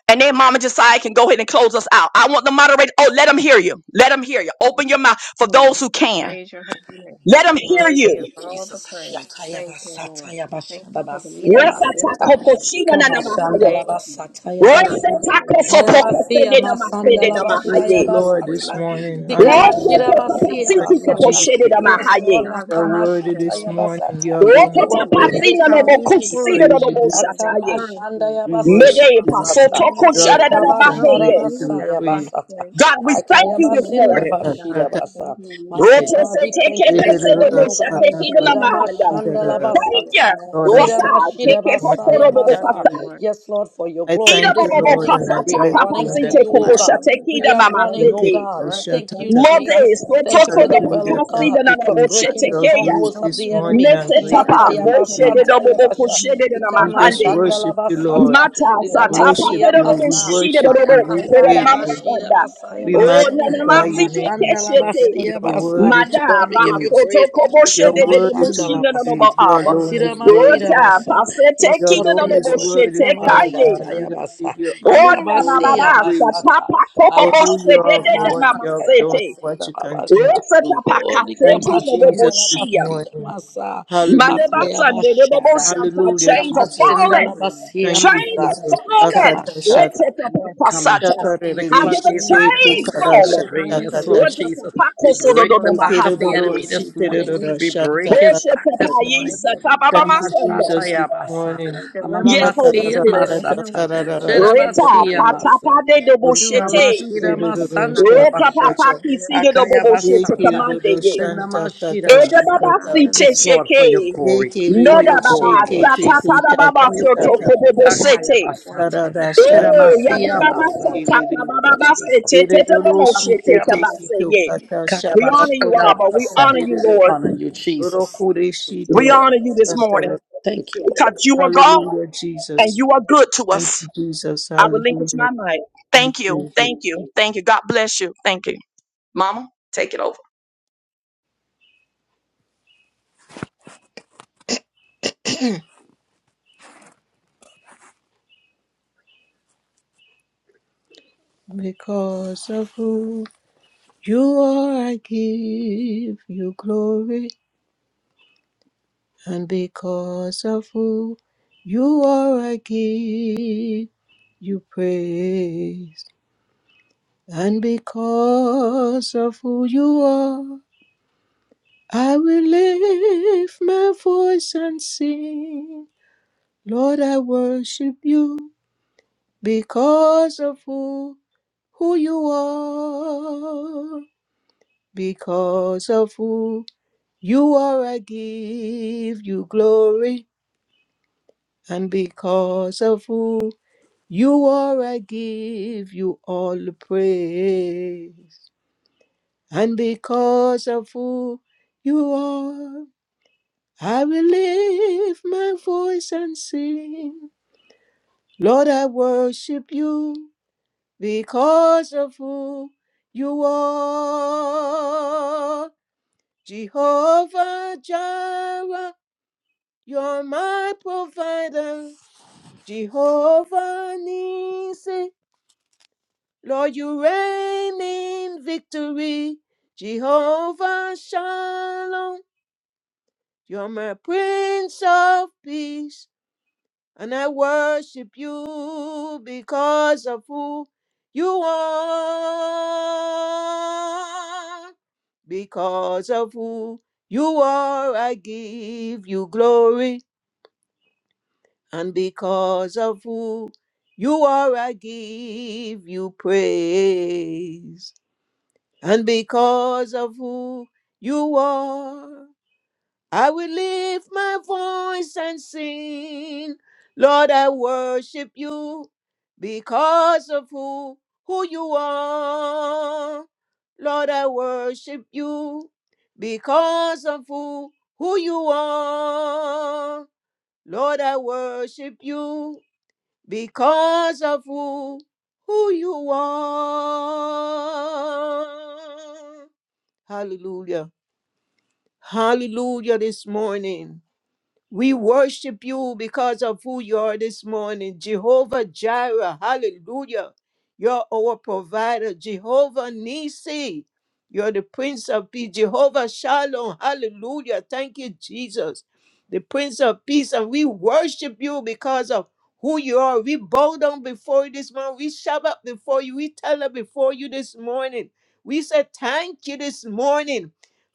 A: And then Mama Josiah can go ahead and close us out. I want the moderator. Oh, let them hear you. Let them hear you. Open your mouth for those
B: Hallelujah.
A: who
B: We
A: can.
B: praise your holy name.
A: Let them
B: You're
A: hear
B: Worthy of
C: Hallelujah,
A: you.
B: all the
C: Jesus.
B: praise.
C: Yakaya
B: Thank you,
C: basata
B: Lord.
C: ya
B: We thank
C: bashada
B: you for the
C: basira
B: miracle this
C: masata.
B: morning.
C: Ika mashanda
A: Resatakoposhinanamahaya.
C: la
B: Thank you,
C: basata
B: Lord. Hallelujah.
C: Ayabasia masanda
B: Thank you,
D: Praise
B: God.
C: labashaya
D: the
A: Resatakosopokosedenamasedenamahaye.
D: Lord
B: We
D: this
C: basata.
B: love you,
D: morning.
B: Lord.
D: Hallelujah.
C: Sikamashira
B: We thank you
C: basia
B: for
D: Thank
B: the
D: you,
C: basata.
B: miracles
D: Jesus.
B: that you're
D: You
C: Yes,
B: working in
C: Lord,
A: Rototokopasitikoposhededamahaye.
B: our
D: are
B: lives,
D: worthy
B: dear
C: lakamashata
D: this
B: Lord.
D: morning.
C: yabasata.
D: You
B: We
D: alone is
C: You
B: thank
C: are
B: you for
C: worthy
D: worthy.
B: that
C: this morning,
B: powerful
D: We
C: Jesus.
B: word this
D: praise you. This,
B: morning of
A: Rototapasinanobokusidodobosataye.
C: Atamashanda
B: encouragement
D: we
B: this
C: yabasia
B: morning.
D: worship you.
C: masata.
D: You are
B: Hallelujah. We
D: great
B: come
D: and
C: Ikabashara
A: Medepasotokoshadadadabaheye.
B: before
D: greatly to
B: you
D: be
B: now,
C: basaya
D: praised.
C: basata.
B: Pastor.
A: God, we thank
B: Thank
A: you this
B: you for
C: Akayabasinda
A: morning.
B: being
C: bashira
B: God.
D: Ra-ra-ra-ra-ra-ra-ra.
B: Thank
C: basa.
B: you
A: Roto se
B: for
C: Mighty God, we
B: loving us,
A: teke
C: thank you this
B: Lord.
C: morning, O God.
B: Thank you, Lord.
A: Rotosetekepesedobosatekidonamahanda.
B: You're
C: Iramashanda
D: Ra-ra-ra-ra-ra-ra-ra-ra-ra.
A: mahanda.
B: worthy of
A: you.
C: labasata.
B: all
D: Lord,
B: the
D: I
C: Sira
A: wasa
D: thank
B: praise.
D: you this
C: mashira
A: teke a
D: morning.
C: basaya
D: I
B: We
A: bobo
D: thank
B: love you,
C: basa.
A: kasa.
D: you.
B: Lord.
C: Yes, Lord, for your
D: I
A: Ida
C: glory
B: We
D: thank you,
C: this
B: thank
A: bobo
B: you
D: Lord,
C: morning.
B: for
D: and
A: pasa,
B: how
D: I
C: We
B: you
C: are
D: bless
A: taka
B: watched
D: you
C: running
D: and
C: to
D: I
B: over
A: pasite
B: us
C: you, O
D: praise
B: last
A: kubosha,
D: you.
C: God.
B: night and
A: take
B: kept
C: We
A: ida
C: are
B: us
A: mama
B: safe.
C: running, oh
A: sende.
C: God.
B: Lord, we
C: Thank
B: thank
C: you,
D: Ra-ra-ra-ra-ra-ra-ra.
B: you for
A: Modes,
C: Jesus.
B: watching over
C: Thank
B: us
C: you
A: protoko
C: for
B: over
C: the
B: the
A: bobo
C: well,
D: Hallelujah.
C: oh
A: kasi
D: Thank
B: weekend,
C: God,
A: de
B: dear
D: you,
A: nana
C: for
B: Lord.
A: boshe
D: Jesus.
C: breaking
D: You
C: the
D: are
B: Hallelujah.
A: tekeya.
D: great
C: strongholds
B: So
C: of
D: this
C: the
B: many
D: morning
C: enemy.
D: and
A: Nese
B: things
D: greatly
B: out
A: tapa,
D: to
B: there
C: Shataya
B: that
D: be
B: could
A: boshe de
B: have
D: praised.
C: basata
A: dobo
B: happened, but
A: boko
B: your
C: yabasha.
B: hand
A: shede
B: of
A: de nama
D: We
C: Ikama
B: protection
D: just
B: was
A: hande.
B: on
C: shandala
D: worship
B: us,
D: you,
B: dear Lord.
D: Lord.
C: basata.
A: Mata
B: And we
A: sata
B: love you
D: Worship
C: Lidamasiya
D: you.
B: for it,
A: pakedodo
D: We
B: dear
C: masa.
B: Lord.
D: worship
A: shidedodo
B: We
D: you. We
B: worship
A: kera
D: praise
C: Ayabasaya
B: you,
A: mama
D: you.
B: dear Lord.
C: bashira
A: sanda.
B: We
C: basaya
D: We
B: praise your
A: Oh
C: basa.
B: holy
A: nana
B: name,
D: magnify
B: dear
A: masi
D: your
B: Lord.
C: Kama
A: teke
D: name.
B: Lord,
A: shete.
B: give us
D: You
C: shandala
D: are
B: boldness
C: Basa.
D: worthy
B: to
D: to be
A: Mada
C: Lord, we
B: count
A: ba
B: on
C: give you
D: praised.
B: the
A: soto
C: praise.
A: kobo
D: You
B: people.
D: are
A: shede
C: Sikama
A: de de
D: worthy to
C: Shandala
D: be
A: mushina no no ba
D: praised.
C: Basata.
D: You
A: aba.
B: Thank
D: alone is
C: Sirama
B: you,
D: worthy.
C: Shira
B: Lord.
A: Ota
B: Hallelujah.
C: Basa.
A: pasete
D: You
C: Yes, Lord,
A: kina
C: for
A: no
D: alone
A: no
C: your
D: is
A: bo
C: glory.
D: worthy,
A: shete
C: Kama
D: Father
B: Thank you,
A: kaye.
D: God. We
C: Shataya
B: God.
D: just
C: Basa.
D: give you
B: Yes,
A: Oh
D: honor,
A: nana
D: glory,
C: Yabasi
A: mama
D: and
A: ba
D: praise
A: sata
C: Yamasata.
A: pakobo
D: for
A: bo
C: Ababa
D: who you
A: shede
D: are,
B: Hallelujah.
A: de
D: for
C: Sayama
A: de
D: what
A: mama
D: you have
C: Shataya
D: done,
A: sete.
C: Basita
D: what you continue
C: Babasha.
D: to
A: Rota
D: do.
A: tapa
C: Oh,
D: Thank
C: Nikama
D: you,
A: kasetu mo bo bo
D: Jesus,
C: Shandala
D: this
A: shia.
C: Basi
D: morning.
C: Yamasa.
A: Madeba
D: Hallelujah.
C: Ataya
A: Sunday, the Bobo
C: Bashada.
B: Thank
A: Shata,
B: you,
D: Hallelujah,
A: chains are
C: Kama
B: Lord.
D: Jesus.
A: falling.
C: Shandala
B: Hallelujah.
C: Basi
D: Thank you,
A: Chains
C: Yamasa.
A: are
B: Thank
D: Jesus.
B: you,
C: Kama
B: God.
A: falling.
D: Akata shata.
C: Shata.
B: Yes,
C: Come on,
B: Lord.
A: Retetapakasata.
D: Shaka
C: shout, lick
A: I
D: rerere
A: hear the
C: floodgates
B: Things
C: of
B: are
D: shide
C: heaven.
B: being
A: chains
D: kukara
C: Let
B: broken.
A: falling.
C: it rain,
D: shata
C: yes,
B: Hallelujah.
D: kata
C: Lord
D: shata.
C: Jesus. We
B: We
C: break the
B: worship
C: back of
B: you.
C: the
D: Ekerororo
A: Retetapakosododonomahadaye.
C: enemy
B: Praise
C: this
B: your
C: morning.
B: holy
D: shiterororo
C: We
B: name.
D: shanta
C: break his
D: kata
C: back this
B: We
D: shata.
B: love
C: morning.
B: you, Lord.
C: Come
D: Thank
C: on,
D: you,
A: Oshetepayisatabababasanda.
C: shout,
D: Jesus, this
C: yabasa.
B: You're
D: morning.
B: a
A: Yes,
B: deliverer, dear
A: Holy
C: Amamamasia
B: Lord.
D: Akarara
A: Spirit.
B: You're a
D: shata
B: healer,
C: masata.
B: dear Lord.
D: kararara
B: Send your
A: Reta
C: Shirabasia
D: shiterororo.
B: power
C: masa.
A: patapade de
B: to us
D: Orokuro
C: Ritama
A: boshete.
B: today,
C: shirama
B: we
D: shiterororo
B: God,
D: shakata
B: dear
C: sandala
A: Reta
B: Lord.
C: basa.
D: shata.
A: papaki
B: Forgive us
A: si de
B: through
C: Akaya
B: this
A: bobo
B: day,
A: shete
B: dear
C: basata.
D: Ekerororo
A: commande
B: Lord.
C: Sinama
D: shanta kata
A: Ede
C: shirabasa.
A: baba si
D: shata.
B: Hallelujah.
C: Yes, Lord,
A: sheke.
C: for
B: Thank
C: your
B: you. Jesus.
C: glory,
D: Reke
C: for
D: rede
A: Noda
C: your
A: baba
C: glory,
D: sheke
C: Lord
A: sata
D: tete
C: Jesus
A: pada baba
D: kata
C: for your
B: We
A: soto
B: Thank
D: kata
C: glory.
B: you for the
A: kobobo
B: powerful
C: Akaya
A: sete.
B: word
C: basata.
B: that
D: karada
B: we
D: shaka
B: hear this
A: Eh, ya
C: Shiramasia
D: kata
B: morning, O
A: baba
B: Lord.
C: masa.
A: sata
B: Thank
D: kerede.
A: baba
B: you
C: Lord
A: baba
B: for how
C: Jesus.
A: sete
B: we
A: tete
D: Berero
A: bomo
D: roshi
A: shete
C: Masia
D: tete
C: masa.
A: kabase
D: tito
A: ye.
B: thank
D: kata
B: you for
C: Akaya
A: We
D: shaka
A: honor you,
C: bashandala
B: coming.
A: Abba.
D: kotara
A: We
B: Thank
C: basa.
A: honor
B: you,
A: you,
D: berero.
B: Lord.
A: Lord.
C: Honor you, Jesus.
D: Roku
C: Thank
D: reshi
C: you,
A: We
D: te
C: Lord.
A: honor you this
C: Jesus.
A: morning
D: kantara.
C: Thank you,
A: because
C: Lord.
A: you are God
D: Hallelujah,
A: and
D: Jesus.
A: you are good to
D: Thank
A: us.
D: you, Jesus.
A: I relinquish
D: Hallelujah.
A: my mind.
D: We
A: Thank you.
D: praise you.
A: Thank you. Thank you. God bless you. Thank you. Mama, take it over.
D: Because of who you are, I give you glory. And because of who you are, I give you praise. And because of who you are, I will lift my voice and sing. Lord, I worship you because of who, who you are. Because of who you are, I give you glory. And because of who You are, I give you all the praise. And because of who you are, I will lift my voice and sing. Lord, I worship you because of who you are. Jehovah Jireh, you're my provider. Jehovah Nissi. Lord, you reign in victory. Jehovah Shalom, you're my Prince of Peace. And I worship you because of who you are. Because of who you are, I give you glory. And because of who you are, I give you praise. and because of who you are, I will lift my voice and sing. Lord, I worship you because of who who you are. Lord, I worship you because of who who you are. Lord, I worship you because of who who you are. Hallelujah. Hallelujah this morning. We worship you because of who you are this morning. Jehovah Jireh. Hallelujah. You're our provider. Jehovah Nisi. You're the Prince of Peace. Jehovah Shalom. Hallelujah. Thank you, Jesus. The Prince of Peace. And we worship you because of who you are. We bow down before you this morning. We shabbat before you. We tell her before you this morning. We say thank you this morning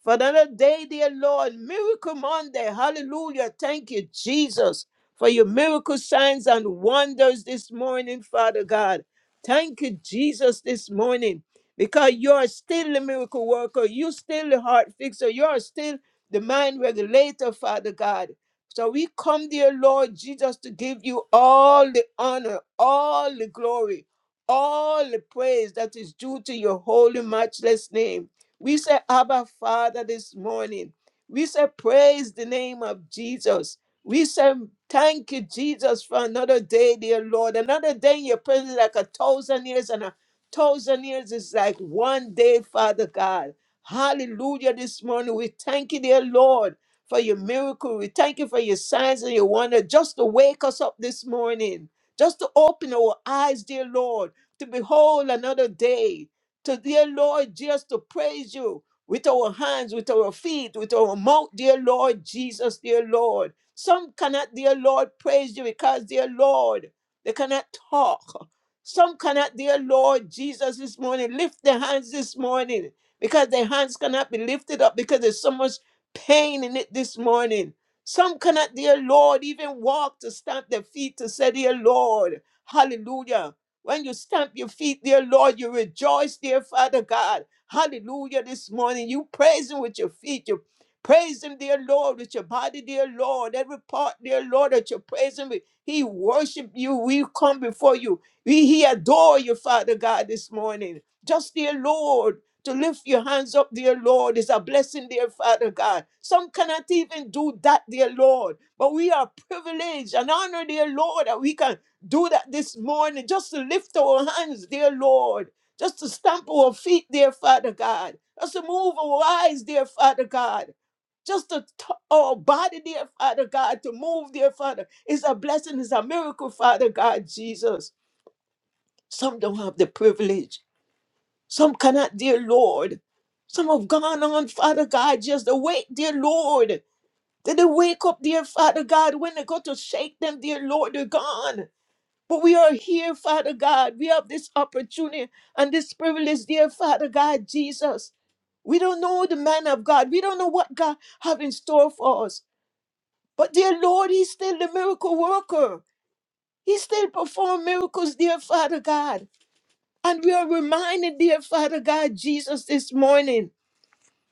D: for another day, dear Lord. Miracle Monday. Hallelujah. Thank you, Jesus, for your miracle signs and wonders this morning, Father God. Thank you, Jesus, this morning, because you're still the miracle worker. You're still the heart fixer. You're still the mind regulator, Father God. So we come, dear Lord Jesus, to give you all the honor, all the glory, all the praise that is due to your holy, matchless name. We say, Abba, Father, this morning. We say, Praise the name of Jesus. We say, Thank you, Jesus, for another day, dear Lord. Another day in your presence, like a thousand years, and a thousand years is like one day, Father God. Hallelujah, this morning. We thank you, dear Lord, for your miracle. We thank you for your signs and your wonder, just to wake us up this morning, just to open our eyes, dear Lord, to behold another day to dear Lord, just to praise you with our hands, with our feet, with our mouth, dear Lord Jesus, dear Lord. Some cannot, dear Lord, praise you because, dear Lord, they cannot talk. Some cannot, dear Lord Jesus, this morning lift their hands this morning because their hands cannot be lifted up because there's so much pain in it this morning. Some cannot, dear Lord, even walk to stamp their feet to say, dear Lord, hallelujah. When you stamp your feet, dear Lord, you rejoice, dear Father God. Hallelujah. This morning, you praise Him with your feet. You praise Him, dear Lord, with your body, dear Lord. Every part, dear Lord, that you praise Him with. He worship you. We come before you. We he adore you, Father God, this morning. Just, dear Lord, to lift your hands up, dear Lord, is a blessing, dear Father God. Some cannot even do that, dear Lord. But we are privileged and honored, dear Lord, that we can do that this morning just to lift our hands, dear Lord, just to stamp our feet, dear Father God, just to move our eyes, dear Father God. Just to t- our body, dear Father God, to move, dear Father, It's a blessing, It's a miracle, Father God, Jesus. Some don't have the privilege. Some cannot, dear Lord. Some have gone on, Father God, just to wait, dear Lord. Did they wake up, dear Father God, when they go to shake them, dear Lord, they're gone. But we are here, Father God. We have this opportunity and this privilege, dear Father God, Jesus. We don't know the man of God. We don't know what God have in store for us. But dear Lord, He's still the miracle worker. He still perform miracles, dear Father God. And we are reminded, dear Father God, Jesus, this morning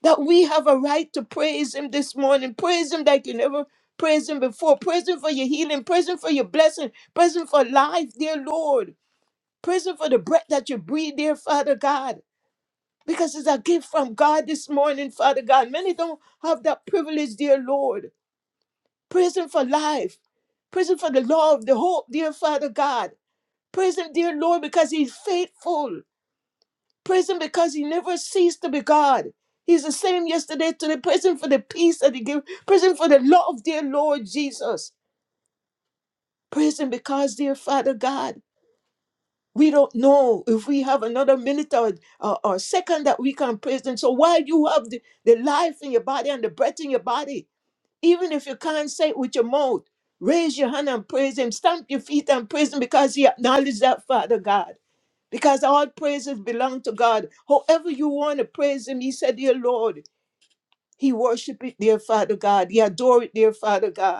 D: that we have a right to praise Him this morning. Praise Him like you never praised Him before. Praise Him for your healing. Praise Him for your blessing. Praise Him for life, dear Lord prison for the breath that you breathe, dear Father God, because it's a gift from God this morning, Father God. Many don't have that privilege, dear Lord. Prison for life, prison for the love, the hope, dear Father God. Prison, dear Lord, because He's faithful. Prison because He never ceased to be God. He's the same yesterday, today. Prison for the peace that He gives. Prison for the love, dear Lord Jesus. Prison because, dear Father God. We don't know if we have another minute or, or, or second that we can praise Him. So while you have the, the life in your body and the breath in your body, even if you can't say it with your mouth, raise your hand and praise Him. Stamp your feet and praise Him because He acknowledged that, Father God. Because all praises belong to God. However you want to praise Him, He said, Dear Lord, He worship it, dear Father God. He adore it, dear Father God.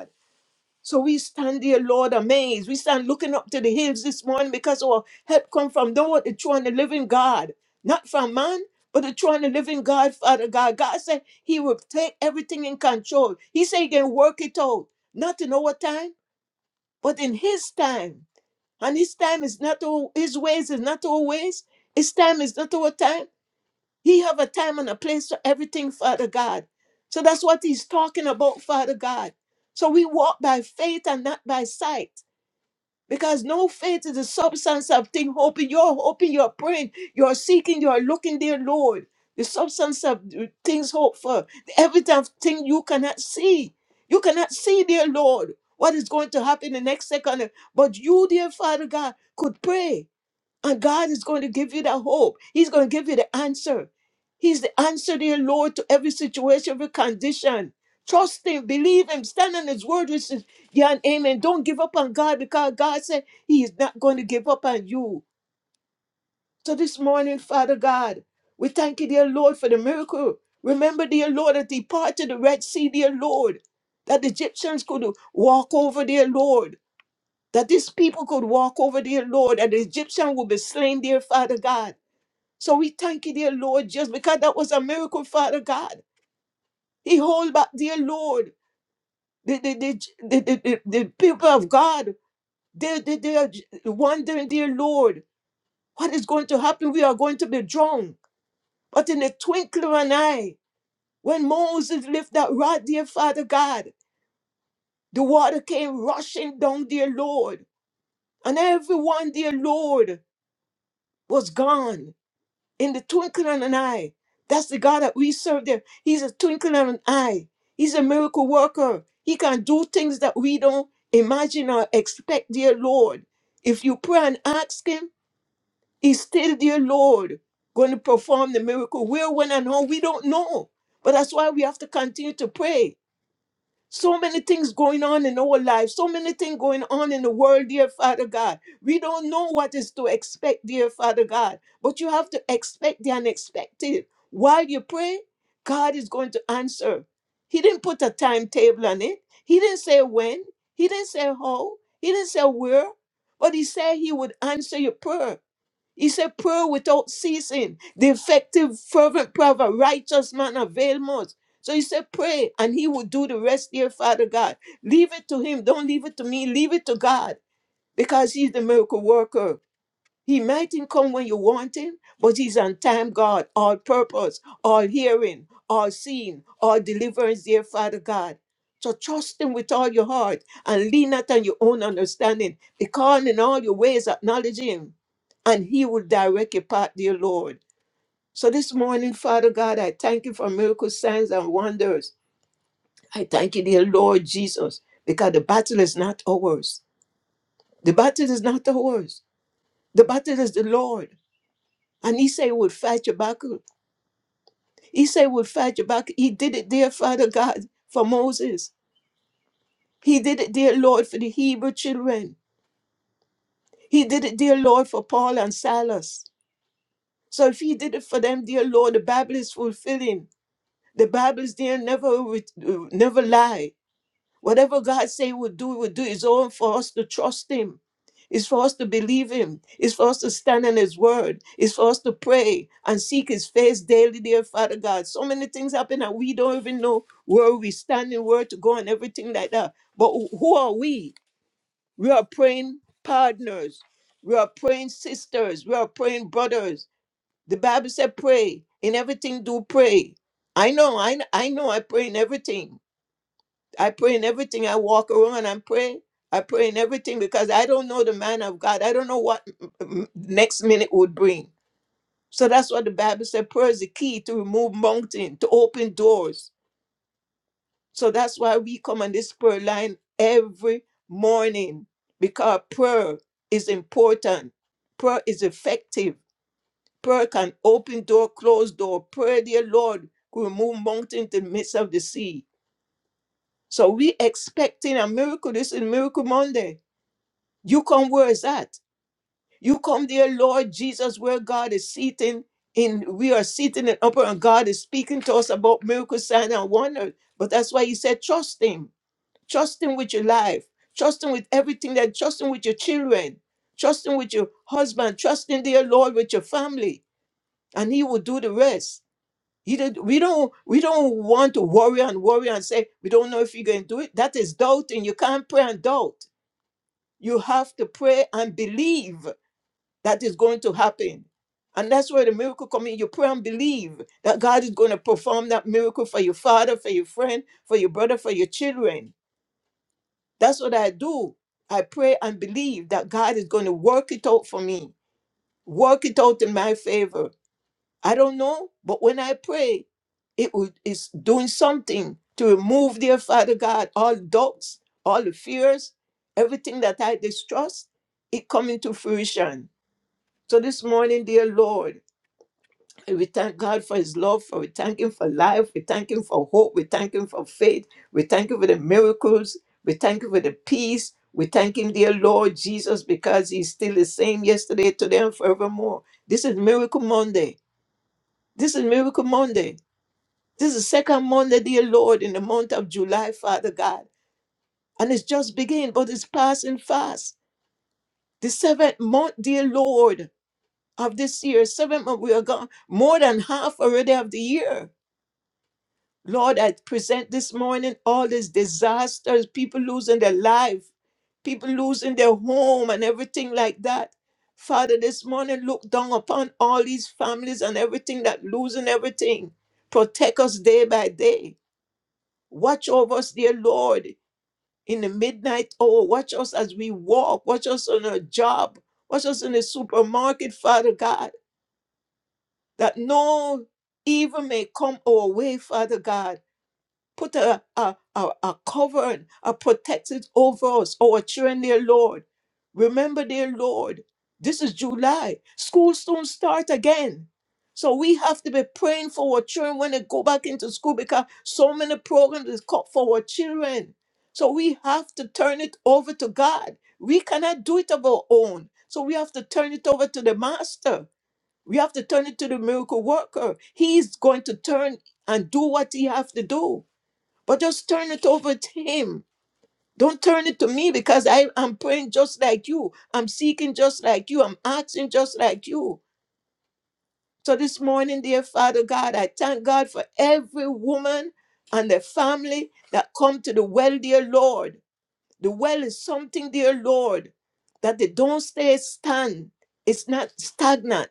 D: So we stand there, Lord, amazed. We stand looking up to the hills this morning because our help come from the Lord, the true and the living God, not from man, but the true and the living God, Father God. God said He will take everything in control. He said He can work it out, not in our time, but in His time. And His time is not all, His ways is not always. His time is not our time. He have a time and a place for everything, Father God. So that's what he's talking about, Father God. So we walk by faith and not by sight. Because no faith is the substance of thing hoping. You're hoping, you're praying, you're seeking, you're looking, dear Lord. The substance of things hoped for. The evidence of thing you cannot see. You cannot see, dear Lord, what is going to happen the next second. But you, dear Father God, could pray. And God is going to give you that hope. He's going to give you the answer. He's the answer, dear Lord, to every situation, every condition. Trust Him, believe Him, stand on His word, which is yeah and amen. Don't give up on God because God said He is not going to give up on you. So this morning, Father God, we thank you, dear Lord, for the miracle. Remember, dear Lord, that He parted the Red Sea, dear Lord, that the Egyptians could walk over, dear Lord, that these people could walk over, dear Lord, that the Egyptian would be slain, dear Father God. So we thank you, dear Lord, just because that was a miracle, Father God. He hold back, dear Lord. The, the, the, the, the, the- the people of God, they, they, they are wondering, dear Lord, what is going to happen? We are going to be drowned. But in the twinkling of an eye, when Moses lifted that rod, dear Father God, the water came rushing down, dear Lord. And everyone, dear Lord, was gone. in the twinkling of an eye. That's the God that we serve there. He's a twinkling of an eye. He's a miracle worker. He can do things that we don't imagine or expect, dear Lord. If you pray and ask him, he's still, dear Lord, going to perform the miracle. Where, when, and how, we don't know. But that's why we have to continue to pray so many things going on in our lives, so many things going on in the world, dear Father God. We don't know what is to expect, dear Father God, but you have to expect the unexpected. While you pray, God is going to answer. He didn't put a timetable on it, He didn't say when, He didn't say how, He didn't say where, but He said He would answer your prayer. He said, Pray without ceasing. The effective, fervent prayer of a righteous man avail much. So he said, Pray, and he will do the rest, dear Father God. Leave it to him. Don't leave it to me. Leave it to God because he's the miracle worker. He mightn't come when you want him, but he's on time, God, all purpose, all hearing, all seeing, all deliverance, dear Father God. So trust him with all your heart and lean not on your own understanding, because in all your ways acknowledge him, and he will direct your path, dear Lord. So this morning, Father God, I thank you for miracles, signs, and wonders. I thank you, dear Lord Jesus, because the battle is not ours. The battle is not ours. The battle is the Lord. And Esau would fight Habakkuk. Esau would fight Habakkuk. He did it there, Father God, for Moses. He did it, dear Lord, for the Hebrew children. He did it, dear Lord, for Paul and Silas. So if he did it for them, dear Lord, the Bible is fulfilling. The Bible is there, never, re- never lie. Whatever God say we'll do, we'll do. It's all for us to trust Him. It's for us to believe Him. It's for us to stand on His word. It's for us to pray and seek His face daily, dear Father God. So many things happen and we don't even know where we stand and where to go and everything like that. But wh- who are we? We are praying partners. We are praying sisters. We are praying brothers. The Bible said, pray. In everything, do pray. I know, I, I know I pray in everything. I pray in everything I walk around. I'm praying. I pray in everything because I don't know the man of God. I don't know what m- m- next minute would bring. So that's what the Bible said. Prayer is the key to remove mountain, to open doors. So that's why we come on this prayer line every morning because prayer is important. Prayer is effective. Prayer can open door, close door. Prayer, dear Lord, could remove mountain to the midst of the sea. So we expecting a miracle. This is Miracle Monday. You come where is that? You come there, Lord Jesus, where God is seating in we are seated in upper and God is speaking to us about miracles, signs, and wonders. But that's why he said, trust him. Trust him with your life. Trust him with everything that trust him with your children. Trust him with your husband. Trust in dear Lord with your family. And he will do the rest. He did, we don't we don't want to worry and worry and say we don't know if you're gonna do it. That is doubting. You can't pray and doubt. You have to pray and believe that is going to happen. And that's where the miracle comes in. You pray and believe that God is going to perform that miracle for your father, for your friend, for your brother, for your children. That's what I do. I pray and believe that God is going to work it out for me, work it out in my favor. I don't know, but when I pray, it will, it's doing something to remove, dear Father God, all doubts, all the fears, everything that I distrust, it coming to fruition. So this morning, dear Lord, And We thank God for His love, for we thank Him for life, we thank Him for hope, we thank Him for faith, we thank Him for the miracles, we thank Him for the peace, we thank Him, dear Lord Jesus, because He's still the same yesterday, today, and forevermore. This is Miracle Monday. This is Miracle Monday. This is second Monday, dear Lord, in the month of July, Father God. And it's just beginning, but it's passing fast. The seventh month, dear Lord, of this year, seventh month, we are gone more than half already of the year Lord, I present this morning all these disasters, people losing their life, people losing their home and everything like that. Father, this morning look down upon all these families and everything that losing everything. Protect us day by day. Watch over us, dear Lord, in the midnight hour. Watch us as we walk. Watch us on our job. Watch us in the supermarket, Father God, that no evil may come our way, Father God Put a, a, a, a covering, a protected over us, oh, our children, dear Lord. Remember, dear Lord, this is July. School soon start again. So we have to be praying for our children when they go back into school because so many programs is cut for our children. So we have to turn it over to God. We cannot do it of our own. So we have to turn it over to the master. We have to turn it to the miracle worker. He's going to turn and do what he has to do. But just turn it over to Him. Don't turn it to me because I, am praying just like you. I'm seeking just like you. I'm asking just like you. So this morning, dear Father God, I thank God for every woman and their family that come to the well, dear Lord. The well is something, dear Lord, that they don't stay stand. It's not stagnant.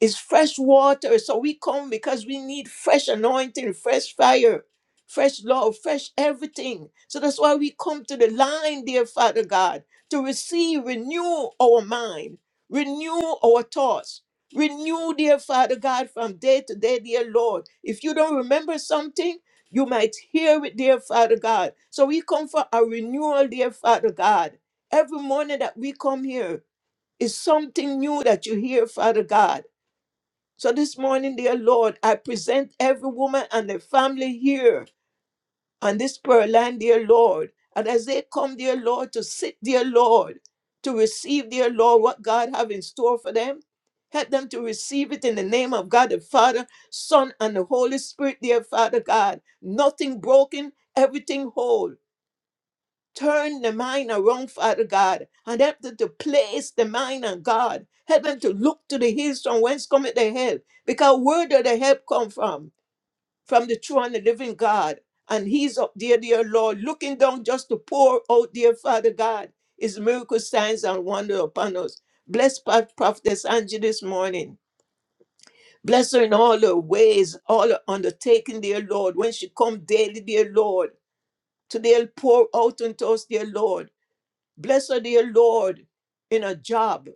D: It's fresh water. So we come because we need fresh anointing, fresh fire, fresh love, fresh everything. So that's why we come to the line, dear Father God, to receive, renew our mind, renew our thoughts. Renew, dear Father God, from day to day, dear Lord. If you don't remember something, you might hear it, dear Father God. So we come for a renewal, dear Father God. Every morning that we come here is something new that you hear, Father God so this morning, dear Lord, I present every woman and their family here on this prayer line, dear Lord. And as they come, dear Lord, to sit, dear Lord, to receive, dear Lord, what God have in store for them, help them to receive it in the name of God the Father, Son, and the Holy Spirit, dear Father God. Nothing broken, everything whole. Turn the mind around, Father God, and help them to place the mind on God. Help them to look to the hills from whence cometh their help, because where does the help come from? From the true and the living God. And He's up there, dear Lord, looking down just to pour out, dear Father God, His miracle signs and wonder upon us. Bless Pa- Prophetess Angie this morning. Bless her in all her ways, all her undertaking, dear Lord, when she come daily, dear Lord. Today, pour out unto us, dear Lord. Bless her, dear Lord, in her job.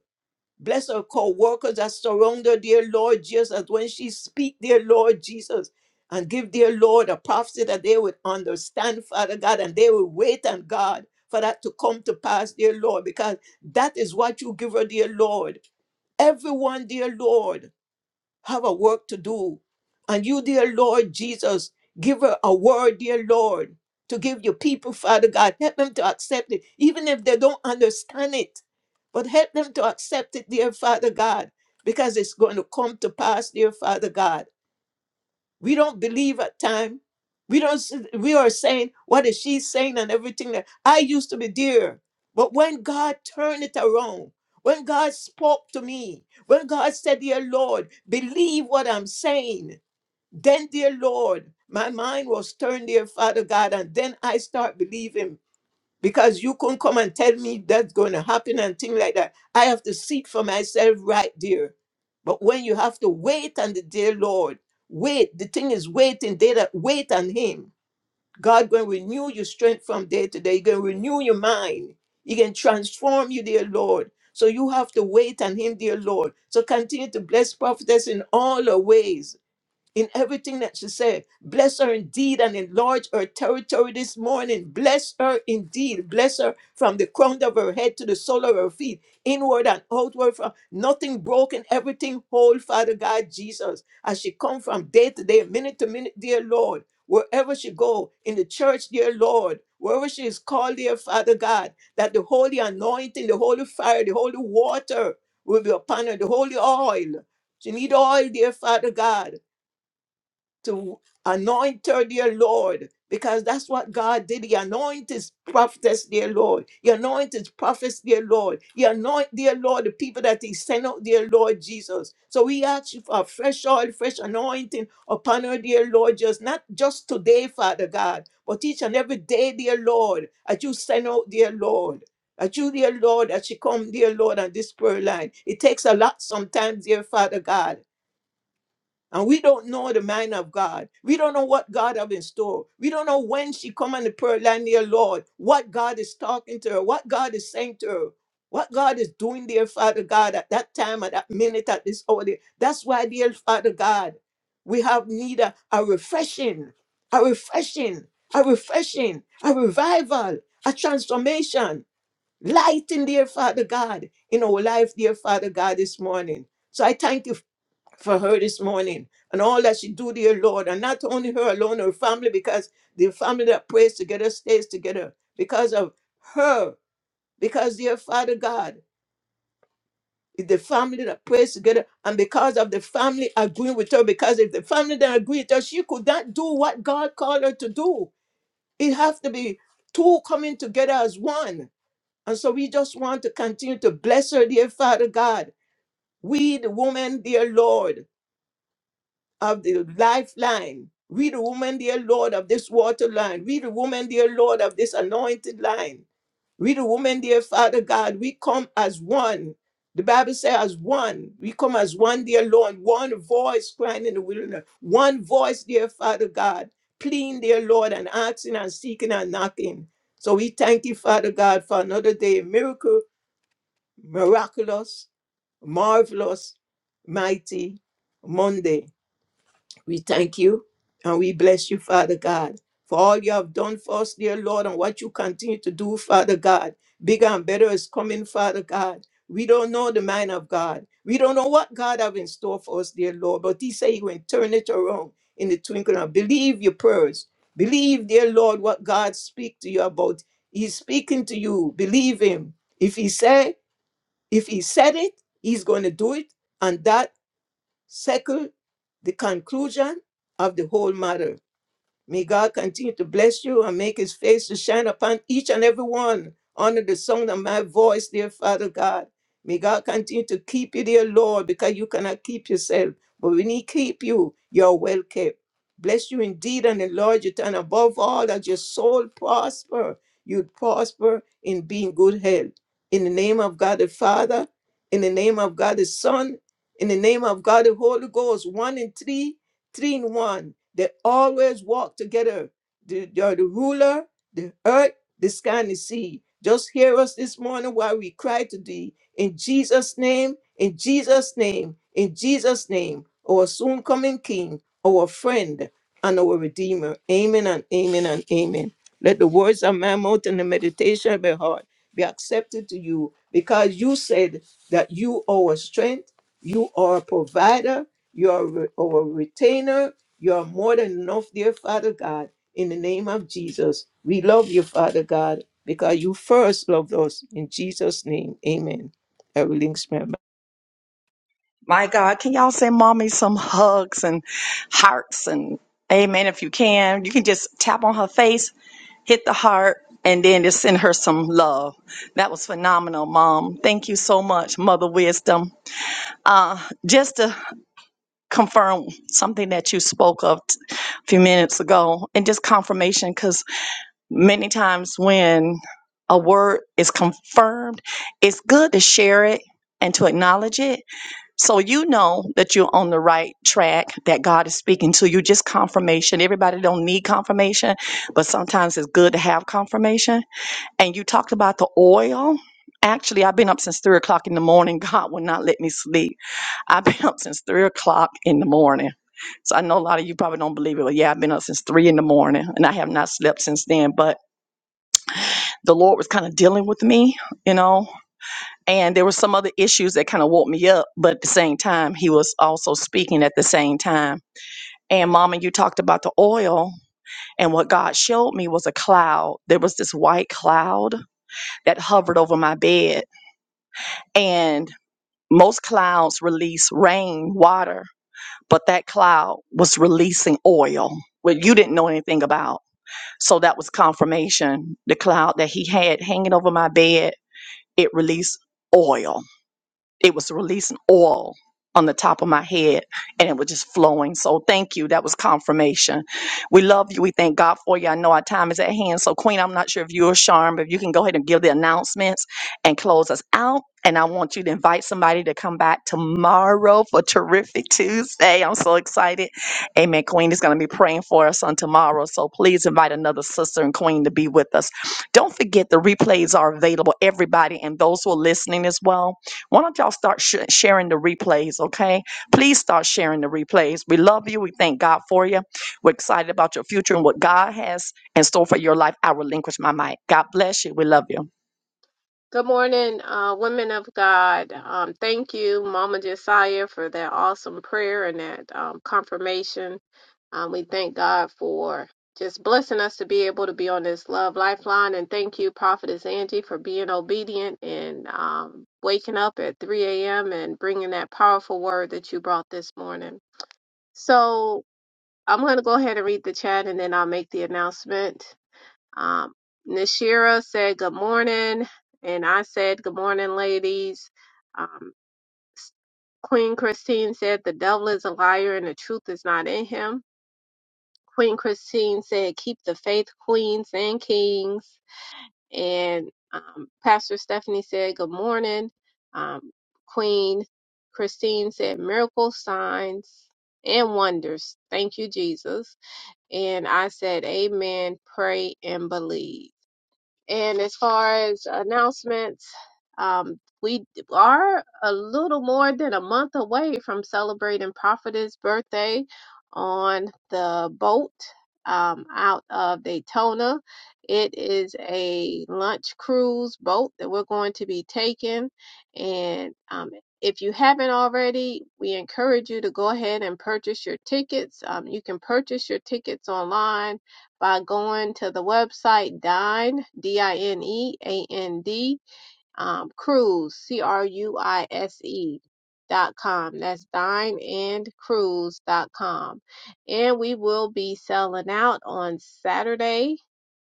D: Bless her co-workers that surround her, dear Lord Jesus, when she speak, dear Lord Jesus, and give, dear Lord, a prophecy that they would understand, Father God, and they will wait on God for that to come to pass, dear Lord, because that is what you give her, dear Lord. Everyone, dear Lord, have a work to do. And you, dear Lord Jesus, give her a word, dear Lord, to give your people, Father God. Help them to accept it, even if they don't understand it. But help them to accept it, dear Father God, because it's going to come to pass, dear Father God. We don't believe at time. We don't. s- We are saying what is she saying and everything that I used to be dear, but when God turned it around, when God spoke to me, when God said, "Dear Lord, believe what I'm saying," then, dear Lord, my mind was turned, dear Father God, and then I start believing because you couldn't come and tell me that's going to happen and things like that. I have to see it for myself right there. But when you have to wait on the dear Lord, wait, the thing is waiting, day that wait on Him. God going to renew your strength from day to day. He going to renew your mind. He can transform you, dear Lord. So you have to wait on Him, dear Lord. So continue to bless prophetess in all her ways in everything that she said. Bless her indeed and enlarge her territory this morning. Bless her indeed. Bless her from the crown of her head to the sole of her feet, inward and outward. From nothing broken, everything whole, Father God Jesus. As she come from day to day, minute to minute, dear Lord. Wherever she go in the church, dear Lord, wherever she is called, dear Father God, that the holy anointing, the holy fire, the holy water will be upon her, the holy oil. She need oil, dear Father God to anoint her, dear Lord, because that's what God did. He anointed his prophetess, dear Lord. He anointed his prophets, dear Lord. He anoint, dear Lord, the people that he sent out, dear Lord Jesus. So we ask you for a fresh oil, fresh anointing upon her, dear Lord, just not just today, Father God, but each and every day, dear Lord, that you send out, dear Lord. That you, dear Lord, that she come, dear Lord, on this prayer line. It takes a lot sometimes, dear Father God and we don't know the mind of God. We don't know what God have in store. We don't know when she come on the prayer line, dear Lord, what God is talking to her, what God is saying to her, what God is doing, dear Father God, at that time, at that minute, at this hour. dear- That's why, dear Father God, we have need a, a refreshing, a refreshing, a refreshing, a revival, a transformation. Light in dear Father God in our life, dear Father God, this morning. So I thank you for her this morning and all that she do, dear Lord, and not only her alone, her family, because the family that prays together stays together because of her, because dear Father God, is the family that prays together, and because of the family agreeing with her, because if the family that agree with her, she could not do what God called her to do. It has to be two coming together as one. And so we just want to continue to bless her, dear Father God. We, the woman, dear Lord, of the lifeline. We, the woman, dear Lord, of this water line. We, the woman, dear Lord, of this anointed line. We, the woman, dear Father God, we come as one. The Bible says, as one. We come as one, dear Lord, one voice crying in the wilderness. One voice, dear Father God, pleading, dear Lord, and asking and seeking and knocking. So we thank you, Father God, for another day. Miracle, miraculous, marvelous, mighty Monday. We thank you and we bless you, Father God, for all you have done for us, dear Lord, and what you continue to do, Father God. Bigger and better is coming, Father God. We don't know the mind of God. We don't know what God have in store for us, dear Lord, but He say He will turn it around in the twinkling. of- Believe your prayers. Believe, dear Lord, what God speak to you about. He's speaking to you. Believe Him. If He say, if He said it, He's going to do it, and that Second, the conclusion of the whole matter. May God continue to bless you and make his face to shine upon each and every one under the sound of my voice, dear Father God. May God continue to keep you, dear Lord, because you cannot keep yourself. But when he keep you, you're well kept. Bless you indeed and enlarge your and above all that your soul prosper. You'd prosper in being good health. In the name of God the Father, in the name of God the Son, in the name of God the Holy Ghost, one and three, three in one. They always walk together. The, the, the ruler, the earth, the sky, and the sea. Just hear us this morning while we cry to thee. In Jesus' name, in Jesus' name, in Jesus' name, our soon coming King, our friend, and our Redeemer. Amen and amen and amen. Let the words of my mouth and the meditation of my heart be accepted to you because you said that you are our strength, you are a provider, you're a, re- or retainer. You're more than enough, dear Father God. In the name of Jesus, we love you, Father God, because you first loved us. In Jesus' name, amen. I will link my
A: My God, can y'all send mommy some hugs and hearts and amen if you can? You can just tap on her face, hit the heart, and then just send her some love. That was phenomenal, mom. Thank you so much, Mother Wisdom. Uh, just to confirm something that you spoke of t- a few minutes ago, and just confirmation, because many times when a word is confirmed, it's good to share it and to acknowledge it so you know that you're on the right track, that God is speaking to you. Just confirmation. Everybody don't need confirmation, but sometimes it's good to have confirmation. And you talked about the oil. Actually, I've been up since three o'clock in the morning. *laughs* God will not let me sleep. I've been *laughs* up since three o'clock in the morning. So I know a lot of you probably don't believe it, but yeah, I've been up since three in the morning and I have not slept since then. But the Lord was kind of dealing with me, you know and there were some other issues that kind of woke me up but at the same time he was also speaking at the same time and mama you talked about the oil and what god showed me was a cloud there was this white cloud that hovered over my bed and most clouds release rain water but that cloud was releasing oil what you didn't know anything about so that was confirmation the cloud that he had hanging over my bed it released oil it was releasing oil on the top of my head and it was just flowing. So thank you. That was confirmation. We love you. We thank God for you. I know our time is at hand. So Queen, I'm not sure if you're Charm, but if you can go ahead and give the announcements and close us out. And I want you to invite somebody to come back tomorrow for terrific Tuesday. I'm so excited. Amen. Queen is going to be praying for us on tomorrow. So please invite another sister and queen to be with us. Don't forget the replays are available, everybody, and those who are listening as well why don't y'all start sh- sharing the replays, okay? Please start sharing the replays. We love you. We thank God for you. We're excited about your future and what God has in store for your life. I relinquish my mic. God bless you. We love you.
B: Good morning, uh, women of God. Um, thank you, Mama Josiah, for that awesome prayer and that um, confirmation. Um, we thank God for just blessing us to be able to be on this Love Lifeline. And thank you, Prophetess Angie, for being obedient and um, waking up at 3 a.m. and bringing that powerful word that you brought this morning. So I'm going to go ahead and read the chat and then I'll make the announcement. Um, Nashira said, Good morning. And I said, Good morning, ladies. Um, Queen Christine said, The devil is a liar and the truth is not in him. Queen Christine said, keep the faith, queens and kings. And um, Pastor Stephanie said, good morning. Um, Queen Christine said, miracle signs and wonders. Thank you, Jesus. And I said, amen, pray and believe. And as far as announcements, um, we are a little more than a month away from celebrating Prophet's birthday on the boat um, out of Daytona. It is a lunch cruise boat that we're going to be taking. And um, if you haven't already, we encourage you to go ahead and purchase your tickets. Um, you can purchase your tickets online by going to the website Dine, D I N E A N D, um, Cruise, C R U I S E dot com. That's dine And cruise dot com. And we will be selling out on Saturday,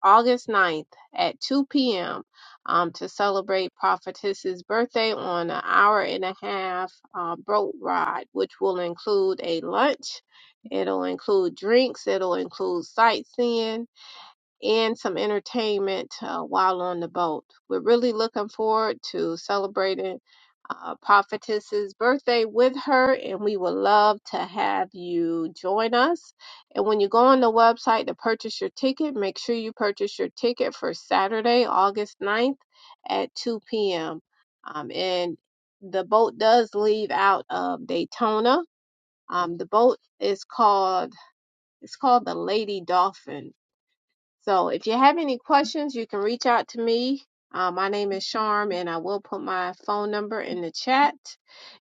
B: August ninth at 2 p.m. Um, to celebrate Prophetess's birthday on an hour and a half um, boat ride, which will include a lunch, it'll include drinks, it'll include sightseeing, and some entertainment uh, while on the boat. We're really looking forward to celebrating uh, Prophetess's birthday with her, and we would love to have you join us. And when you go on the website to purchase your ticket, make sure you purchase your ticket for Saturday, August ninth, at 2 p.m. Um, and the boat does leave out of Daytona. Um, the boat is called it's called the Lady Dolphin so if you have any questions, you can reach out to me. Uh, my name is Charm, and I will put my phone number in the chat.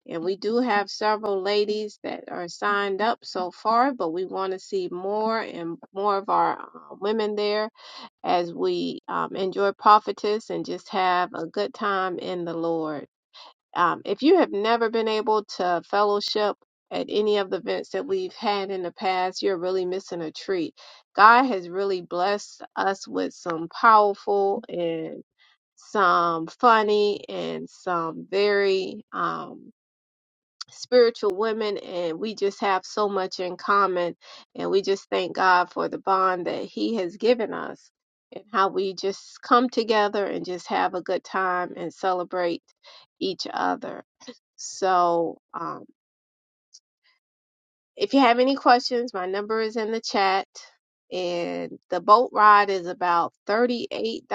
B: And we do have several ladies that are signed up so far, but we want to see more and more of our uh, women there as we um, enjoy prophetess and just have a good time in the Lord. Um, if you have never been able to fellowship at any of the events that we've had in the past, you're really missing a treat. God has really blessed us with some powerful and some funny and some very um, spiritual women, and we just have so much in common. And we just thank God for the bond that He has given us and how we just come together and just have a good time and celebrate each other. So, um, if you have any questions, my number is in the chat. And the boat ride is about $38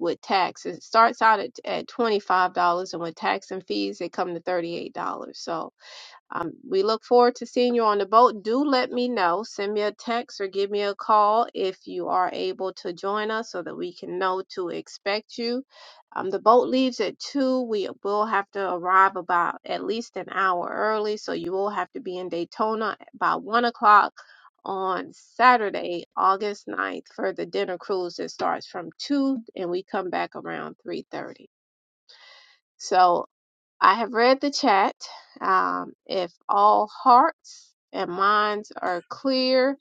B: with tax. It starts out at, at $25, and with tax and fees, it come to $38. So, um, we look forward to seeing you on the boat. Do let me know. Send me a text or give me a call if you are able to join us so that we can know to expect you. Um, the boat leaves at 2. We will have to arrive about at least an hour early, so you will have to be in Daytona by 1 o'clock on Saturday, August ninth, for the dinner cruise that starts from 2 and we come back around 3.30. So I have read the chat. Um, if all hearts and minds are clear,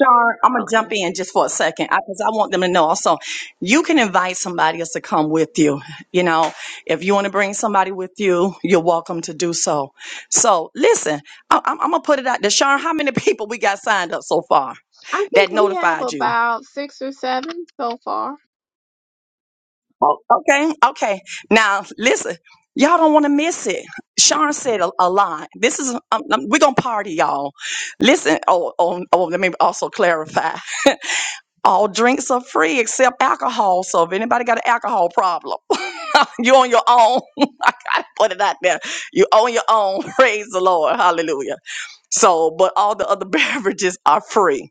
A: Sean, I'm gonna
B: okay.
A: jump in just for a second because I, want them to know also. You can invite somebody else to come with you. You know, if you want to bring somebody with you, you're welcome to do so. So listen, I, am gonna put it out there. Sean, how many *laughs* people we got signed up so far
B: I
A: that
B: think we have
A: notified you?
B: about six or seven so far.
A: Oh, okay, okay. Now listen, y'all don't want to miss it. Sean said a, a lot. This is um, um, we're gonna party, y'all. Listen. Oh, oh, oh. Let me also clarify. *laughs* All drinks are free except alcohol. So if anybody got an alcohol problem, *laughs* you on your own. *laughs* I gotta put it out there. You on your own. *laughs* Praise the Lord. Hallelujah. So, but all the other *laughs* beverages are free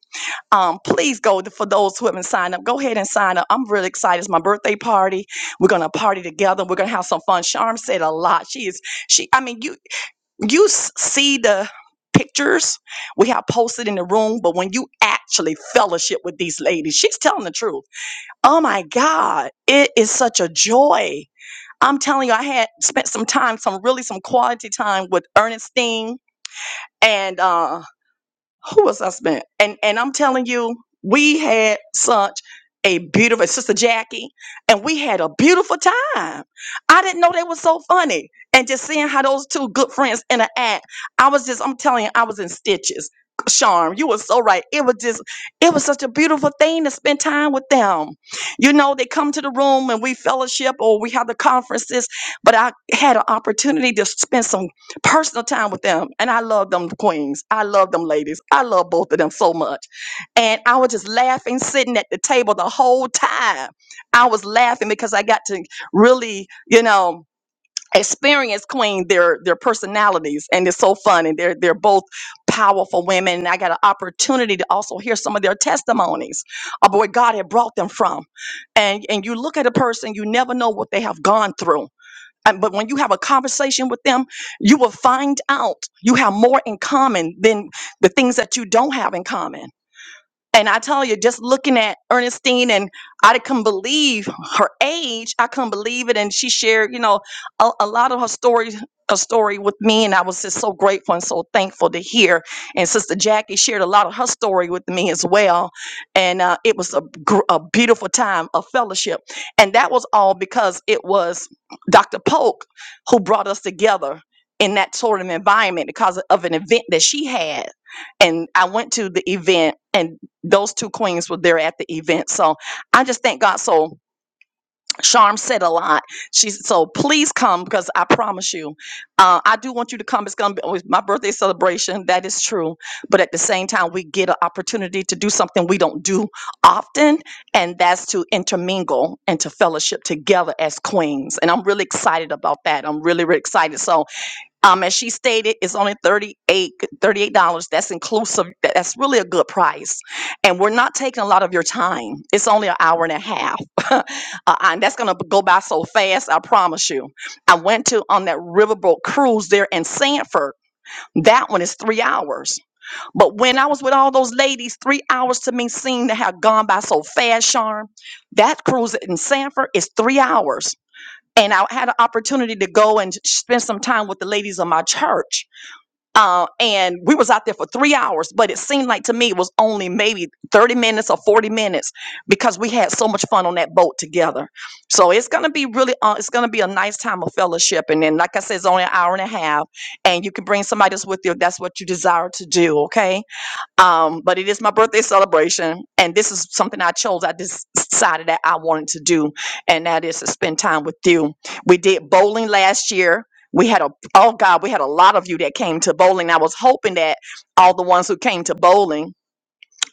A: um, please go to, for those who haven't signed up. Go ahead and sign up. I'm really excited. It's my birthday party. We're gonna party together. We're gonna have some fun. Charm said a lot. She is she. I mean, you you s- see the pictures we have posted in the room, but when you actually fellowship with these ladies, she's telling the truth. Oh my God, it is such a joy. I'm telling you, I had spent some time, some really some quality time with Ernestine and. Uh, who was us man? And and I'm telling you, we had such a beautiful sister Jackie, and we had a beautiful time. I didn't know they were so funny, and just seeing how those two good friends interact, I was just I'm telling you, I was in stitches. Charm, you were so right. It was just, it was such a beautiful thing to spend time with them. You know, they come to the room and we fellowship or we have the conferences, but I had an opportunity to spend some personal time with them. And I love them queens. I love them ladies. I love both of them so much. And I was just laughing, sitting at the table the whole time. I was laughing because I got to really, you know, experience queen their their personalities and it's so fun and they're they're both powerful women and i got an opportunity to also hear some of their testimonies of where god had brought them from and and you look at a person you never know what they have gone through and, but when you have a conversation with them, you will find out you have more in common than the things that you don't have in common. And I tell you, just looking at Ernestine, and I couldn't believe her age. I couldn't believe it, and she shared, you know, a, a lot of her story, her story with me, and I was just so grateful and so thankful to hear. And Sister Jackie shared a lot of her story with me as well, and uh, it was a, gr- a beautiful time of fellowship, and that was all because it was Dr. Polk who brought us together in that sort of environment because of an event that she had and I went to the event and those two queens were there at the event. So I just thank God. So Charm said a lot. She's so please come because I promise you, uh, I do want you to come. It's gonna be with my birthday celebration. That is true. But at the same time, we get an opportunity to do something we don't do often, and that's to intermingle and to fellowship together as queens. And I'm really excited about that. I'm really, really excited. So um, as she stated, it's only 38 dollars That's inclusive. That- That's really a good price. And we're not taking a lot of your time. It's only an hour and a half. *laughs* uh, and that's going to go by so fast, I promise you. I went to on that riverboat cruise there in Sanford. That one is three hours. But when I was with all those ladies, three hours to me seemed to have gone by so fast, Charm. That cruise in Sanford is three hours. And I had an opportunity to go and spend some time with the ladies of my church uh, and we was out there for three hours but it seemed like to me it was only maybe 30 minutes or 40 minutes because we had so much fun on that boat together so it's going to be really uh, it's going to be a nice time of fellowship and then like i said it's only an hour and a half and you can bring somebody else with you if that's what you desire to do okay um, but it is my birthday celebration, and this is something I chose. I just decided that I wanted to do, and that is to spend time with you. We did bowling last year. We had a oh god, we had a lot of you that came to bowling. I was hoping that all the ones who came to bowling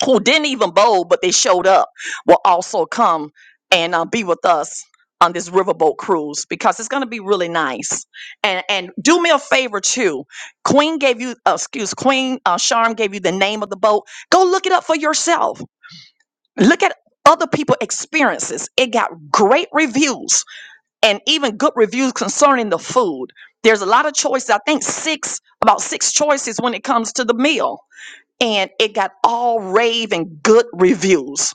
A: who didn't even bowl, but they showed up, will also come and uh, be with us on this riverboat cruise because it's going to be really nice. And and do me a favor too. Queen gave you, uh, excuse, Queen uh, Charm gave you the name of the boat. Go look it up for yourself. Look at other people experiences. It got great reviews and even good reviews concerning the food. There's a lot of choices. I think six, about six choices when it comes to the meal and it got all rave and good reviews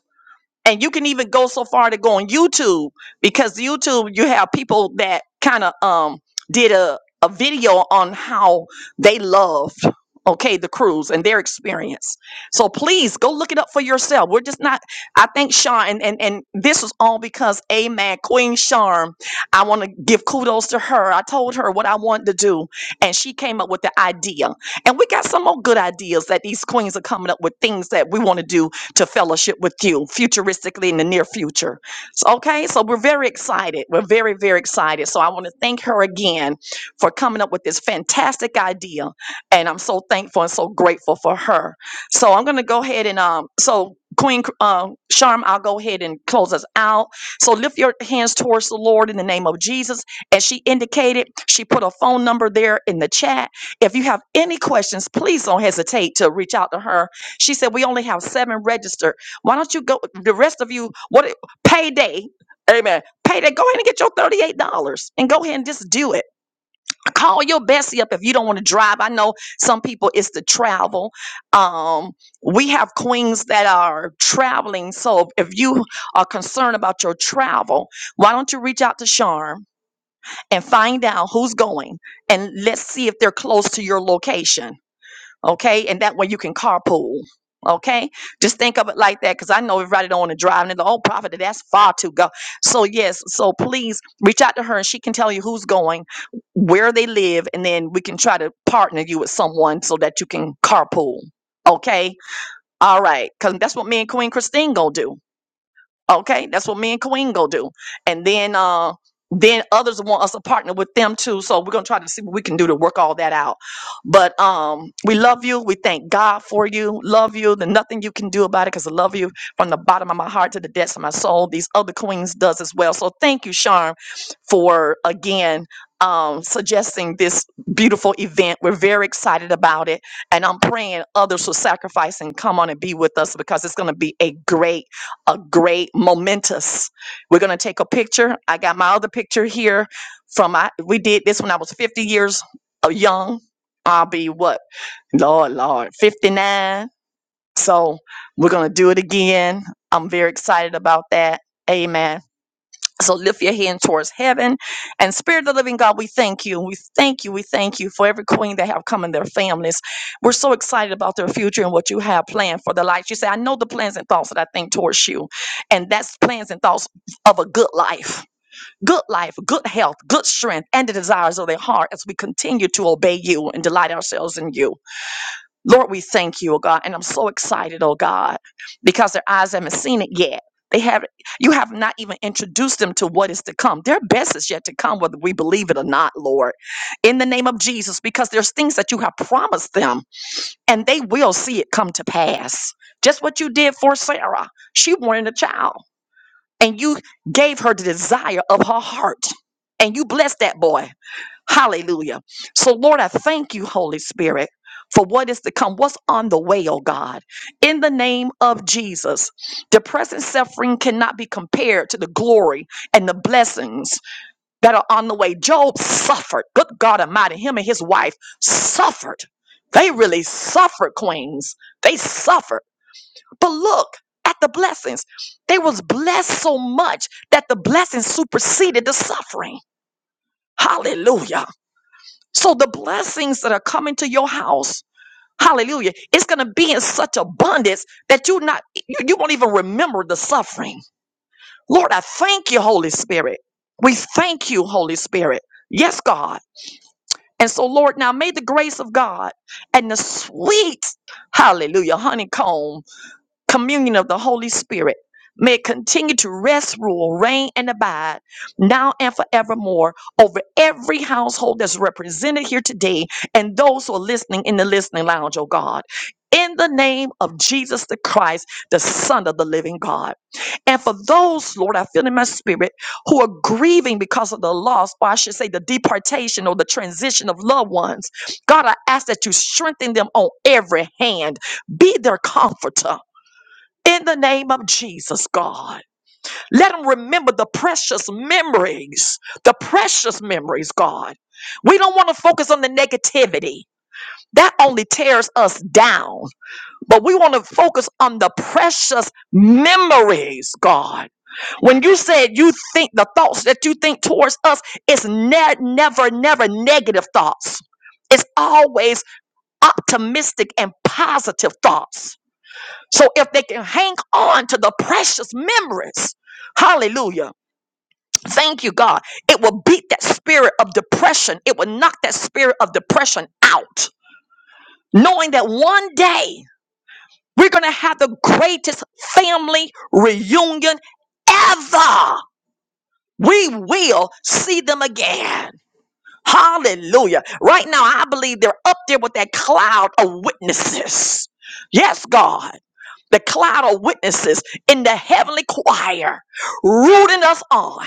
A: and you can even go so far to go on YouTube because YouTube you have people that kind of um did a a video on how they loved okay the cruise and their experience so please go look it up for yourself we're just not i think sean and and, and this was all because amen queen charm i want to give kudos to her i told her what i wanted to do and she came up with the idea and we got some more good ideas that these queens are coming up with things that we want to do to fellowship with you futuristically in the near future. So, okay, so we're very excited. We're very, very excited. So I want to thank her again for coming up with this fantastic idea. And I'm so thankful and so grateful for her. So I'm going to go ahead and, um, so Queen uh, Sharm, I'll go ahead and close us out. So lift your hands towards the Lord in the name of Jesus. As she indicated, she put a phone number there in the chat. If you have any questions, please don't hesitate to reach out to her she said, We only have seven registered. Why don't you go? The rest of you, what payday? Amen. Payday, go ahead and get your $38 and go ahead and just do it. Call your Bessie up if you don't want to drive. I know some people it's the travel. Um, we have queens that are traveling. So if you are concerned about your travel, why don't you reach out to Charm and find out who's going and let's see if they're close to your location okay? And that way you can carpool, okay? Just think of it like that, because I know everybody don't want to drive, and they're like, "Oh, prophet, that's far to go." So yes, so please reach out to her, and she can tell you who's going, where they live, and then we can try to partner you with someone so that you can carpool, okay? All right, because that's what me and Queen Christine gonna do. Okay, that's what me and Queen go do. And then uh then others want us to partner with them too. So we're gonna try to see what we can do to work all that out. But um we love you. We thank God for you. Love you. There's nothing you can do about it because I love you from the bottom of my heart to the depths of my soul. These other queens does as well. So thank you, Charm, for again um suggesting this beautiful event. We're very excited about it. And I'm praying others will sacrifice and come on and be with us because it's gonna be a great a great momentous we're going to take a picture i got my other picture here from i we did this when i was 50 years uh, young i'll be what lord lord 59 so we're going to do it again i'm very excited about that amen so lift your hand towards heaven. And Spirit of the Living God, we thank you. We thank you. We thank you for every queen that have come and their families. We're so excited about their future and what you have planned for their life. You say, I know the plans and thoughts that I think towards you. And that's plans and thoughts of a good life. Good life, good health, good strength, and the desires of their heart as we continue to obey you and delight ourselves in you. Lord, we thank you, oh God. And I'm so excited, oh God, because their eyes haven't seen it yet. They have you have not even introduced them to what is to come. Their best is yet to come, whether we believe it or not, Lord. In the name of Jesus, because there's things that you have promised them, and they will see it come to pass. Just what you did for Sarah. She wanted a child, and you gave her the desire of her heart. And you blessed that boy Hallelujah. So, Lord, I thank you, Holy Spirit, for what is to come, what's on the way, oh God. In the name of Jesus, the present suffering cannot be compared to the glory and the blessings that are on the way. Job suffered. Good God Almighty, him and his wife suffered. They really suffered, queens. They suffered. But look at the blessings. They was blessed so much that the blessings superseded the suffering. Hallelujah. So the blessings that are coming to your house, hallelujah, it's going to be in such abundance that you not you, you won't even remember the suffering. Lord, I thank you, Holy Spirit. We thank you, Holy Spirit. Yes, God. And so, Lord, now may the grace of God and the sweet, hallelujah, honeycomb communion of the Holy Spirit may it continue to rest, rule, reign, and abide now and forevermore over every household that's represented here today and those who are listening in the listening lounge, oh God. In the name of Jesus the Christ, the Son of the living God. And for those, Lord, I feel in my spirit, who are grieving because of the loss, or I should say the deportation or the transition of loved ones, God, I ask that you strengthen them on every hand. Be their comforter in the name of Jesus, God. Let them remember the precious memories, the precious memories, God. We don't want to focus on the negativity. That only tears us down. But we want to focus on the precious memories, God. When you said you think the thoughts that you think towards us, it's ne- never, never negative thoughts. It's always optimistic and positive thoughts. So if they can hang on to the precious memories, hallelujah. Thank you, God. It will beat that spirit of depression. It will knock that spirit of depression out, knowing that one day we're going to have the greatest family reunion ever. We will see them again. Hallelujah. Right now, I believe they're up there with that cloud of witnesses. Yes, God. The cloud of witnesses in the heavenly choir, rooting us on,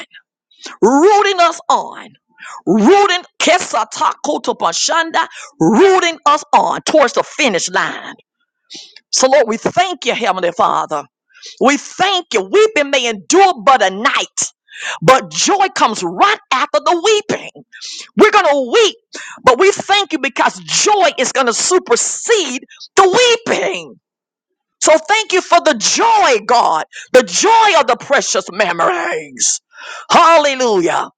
A: rooting us on, rooting kesatakotoposhanda, rooting us on towards the finish line. So, Lord, we thank you, Heavenly Father. We thank you. Weeping may endure but a night, but joy comes right after the weeping. We're going to weep, but we thank you because joy is going to supersede the weeping. So thank you for the joy, God, the joy of the precious memories. Hallelujah.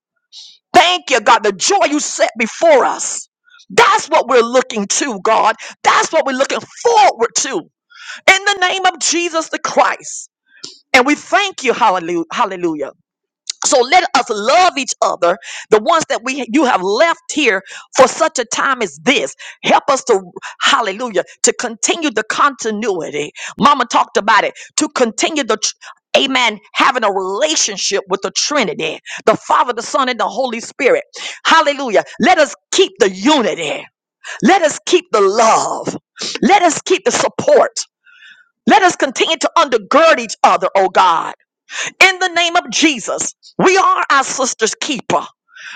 A: Thank you, God, the joy you set before us. That's what we're looking to, God. That's what we're looking forward to. In the name of Jesus the Christ. And we thank you, hallelujah, hallelujah. So let us love each other, the ones that we you have left here for such a time as this. Help us to hallelujah to continue the continuity. Mama talked about it to continue the tr- amen having a relationship with the Trinity, the Father, the Son, and the Holy Spirit. Hallelujah. Let us keep the unity. Let us keep the love. Let us keep the support. Let us continue to undergird each other, oh God. In the name of Jesus, we are our sister's keeper.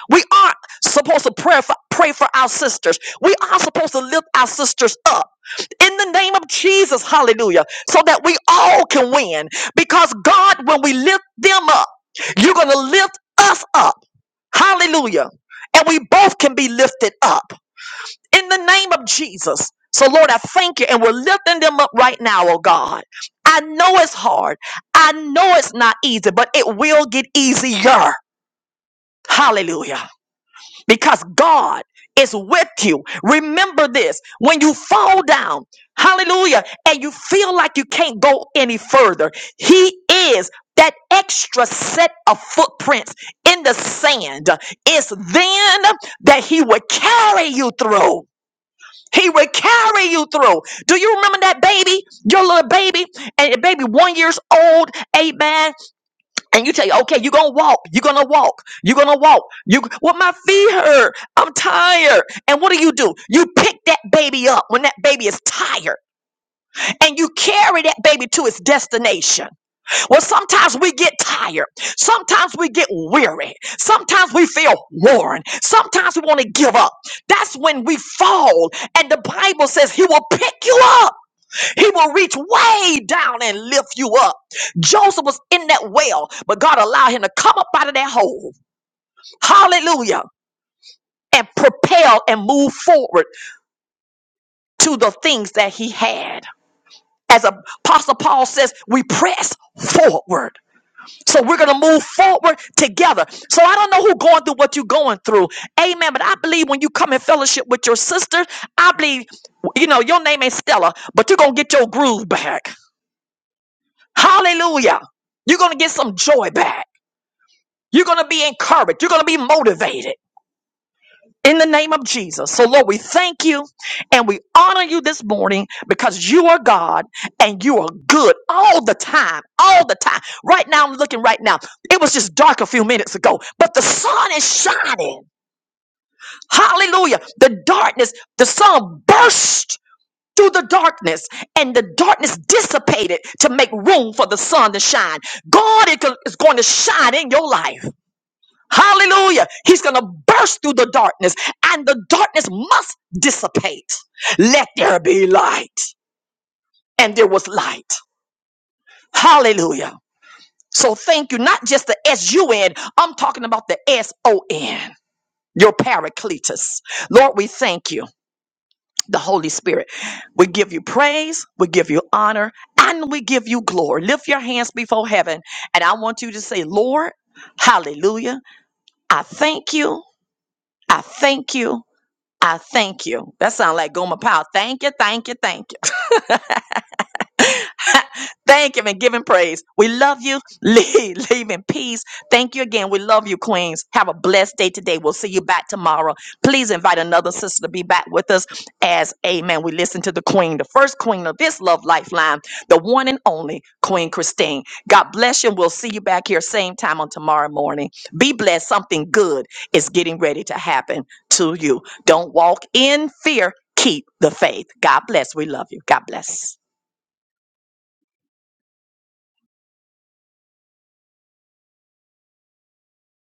A: We are supposed to pray for, pray for our sisters. We are supposed to lift our sisters up. In the name of Jesus, hallelujah, so that we all can win. Because God, when we lift them up, you're going to lift us up. Hallelujah. And we both can be lifted up in the name of Jesus. So, Lord, I thank you, and we're lifting them up right now, oh God. I know it's hard. I know it's not easy, but it will get easier. Hallelujah. Because God is with you. Remember this when you fall down, hallelujah, and you feel like you can't go any further, He is that extra set of footprints in the sand. It's then that He will carry you through. He will carry you through. Do you remember that baby, your little baby, and the baby one years old, amen? And you tell you, okay, you're gonna walk, you're gonna walk, you're gonna walk. You, well, my feet hurt. I'm tired. And what do you do? You pick that baby up when that baby is tired, and you carry that baby to its destination. Well, sometimes we get tired. Sometimes we get weary. Sometimes we feel worn. Sometimes we want to give up. That's when we fall. And the Bible says he will pick you up. He will reach way down and lift you up. Joseph was in that well, but God allowed him to come up out of that hole. Hallelujah. And propel and move forward to the things that he had. As Apostle Paul says, we press forward. So we're going to move forward together. So I don't know who going through what you're going through. Amen. But I believe when you come in fellowship with your sisters, I believe, you know, your name ain't Stella, but you're going to get your groove back. Hallelujah. You're going to get some joy back. You're going to be encouraged. You're going to be motivated. in the name of Jesus. So, Lord, we thank you and we honor you this morning because you are God and you are good all the time, all the time. Right now, I'm looking right now. It was just dark a few minutes ago, but the sun is shining. Hallelujah. The darkness, the sun burst through the darkness and the darkness dissipated to make room for the sun to shine. God is go- is going to shine in your life. Hallelujah. He's going to burst through the darkness, and the darkness must dissipate. Let there be light. And there was light. Hallelujah. So thank you. Not just the S U N, I'm talking about the S O N, your paracletus. Lord, we thank you, the Holy Spirit. We give you praise, we give you honor, and we give you glory. Lift your hands before heaven, and I want you to say, Lord, hallelujah. I thank you. I thank you. I thank you. That sounds like Goma Powell. Thank you, thank you, thank you. *laughs* Thank him and give him praise. We love you. *laughs* Leave, leave in peace. Thank you again. We love you, Queens. Have a blessed day today. We'll see you back tomorrow. Please invite another sister to be back with us as Amen. We listen to the Queen, the first Queen of this Love Lifeline, the one and only Queen Christine. God bless you. And we'll see you back here same time on tomorrow morning. Be blessed. Something good is getting ready to happen to you. Don't walk in fear. Keep the faith. God bless. We love you. God bless.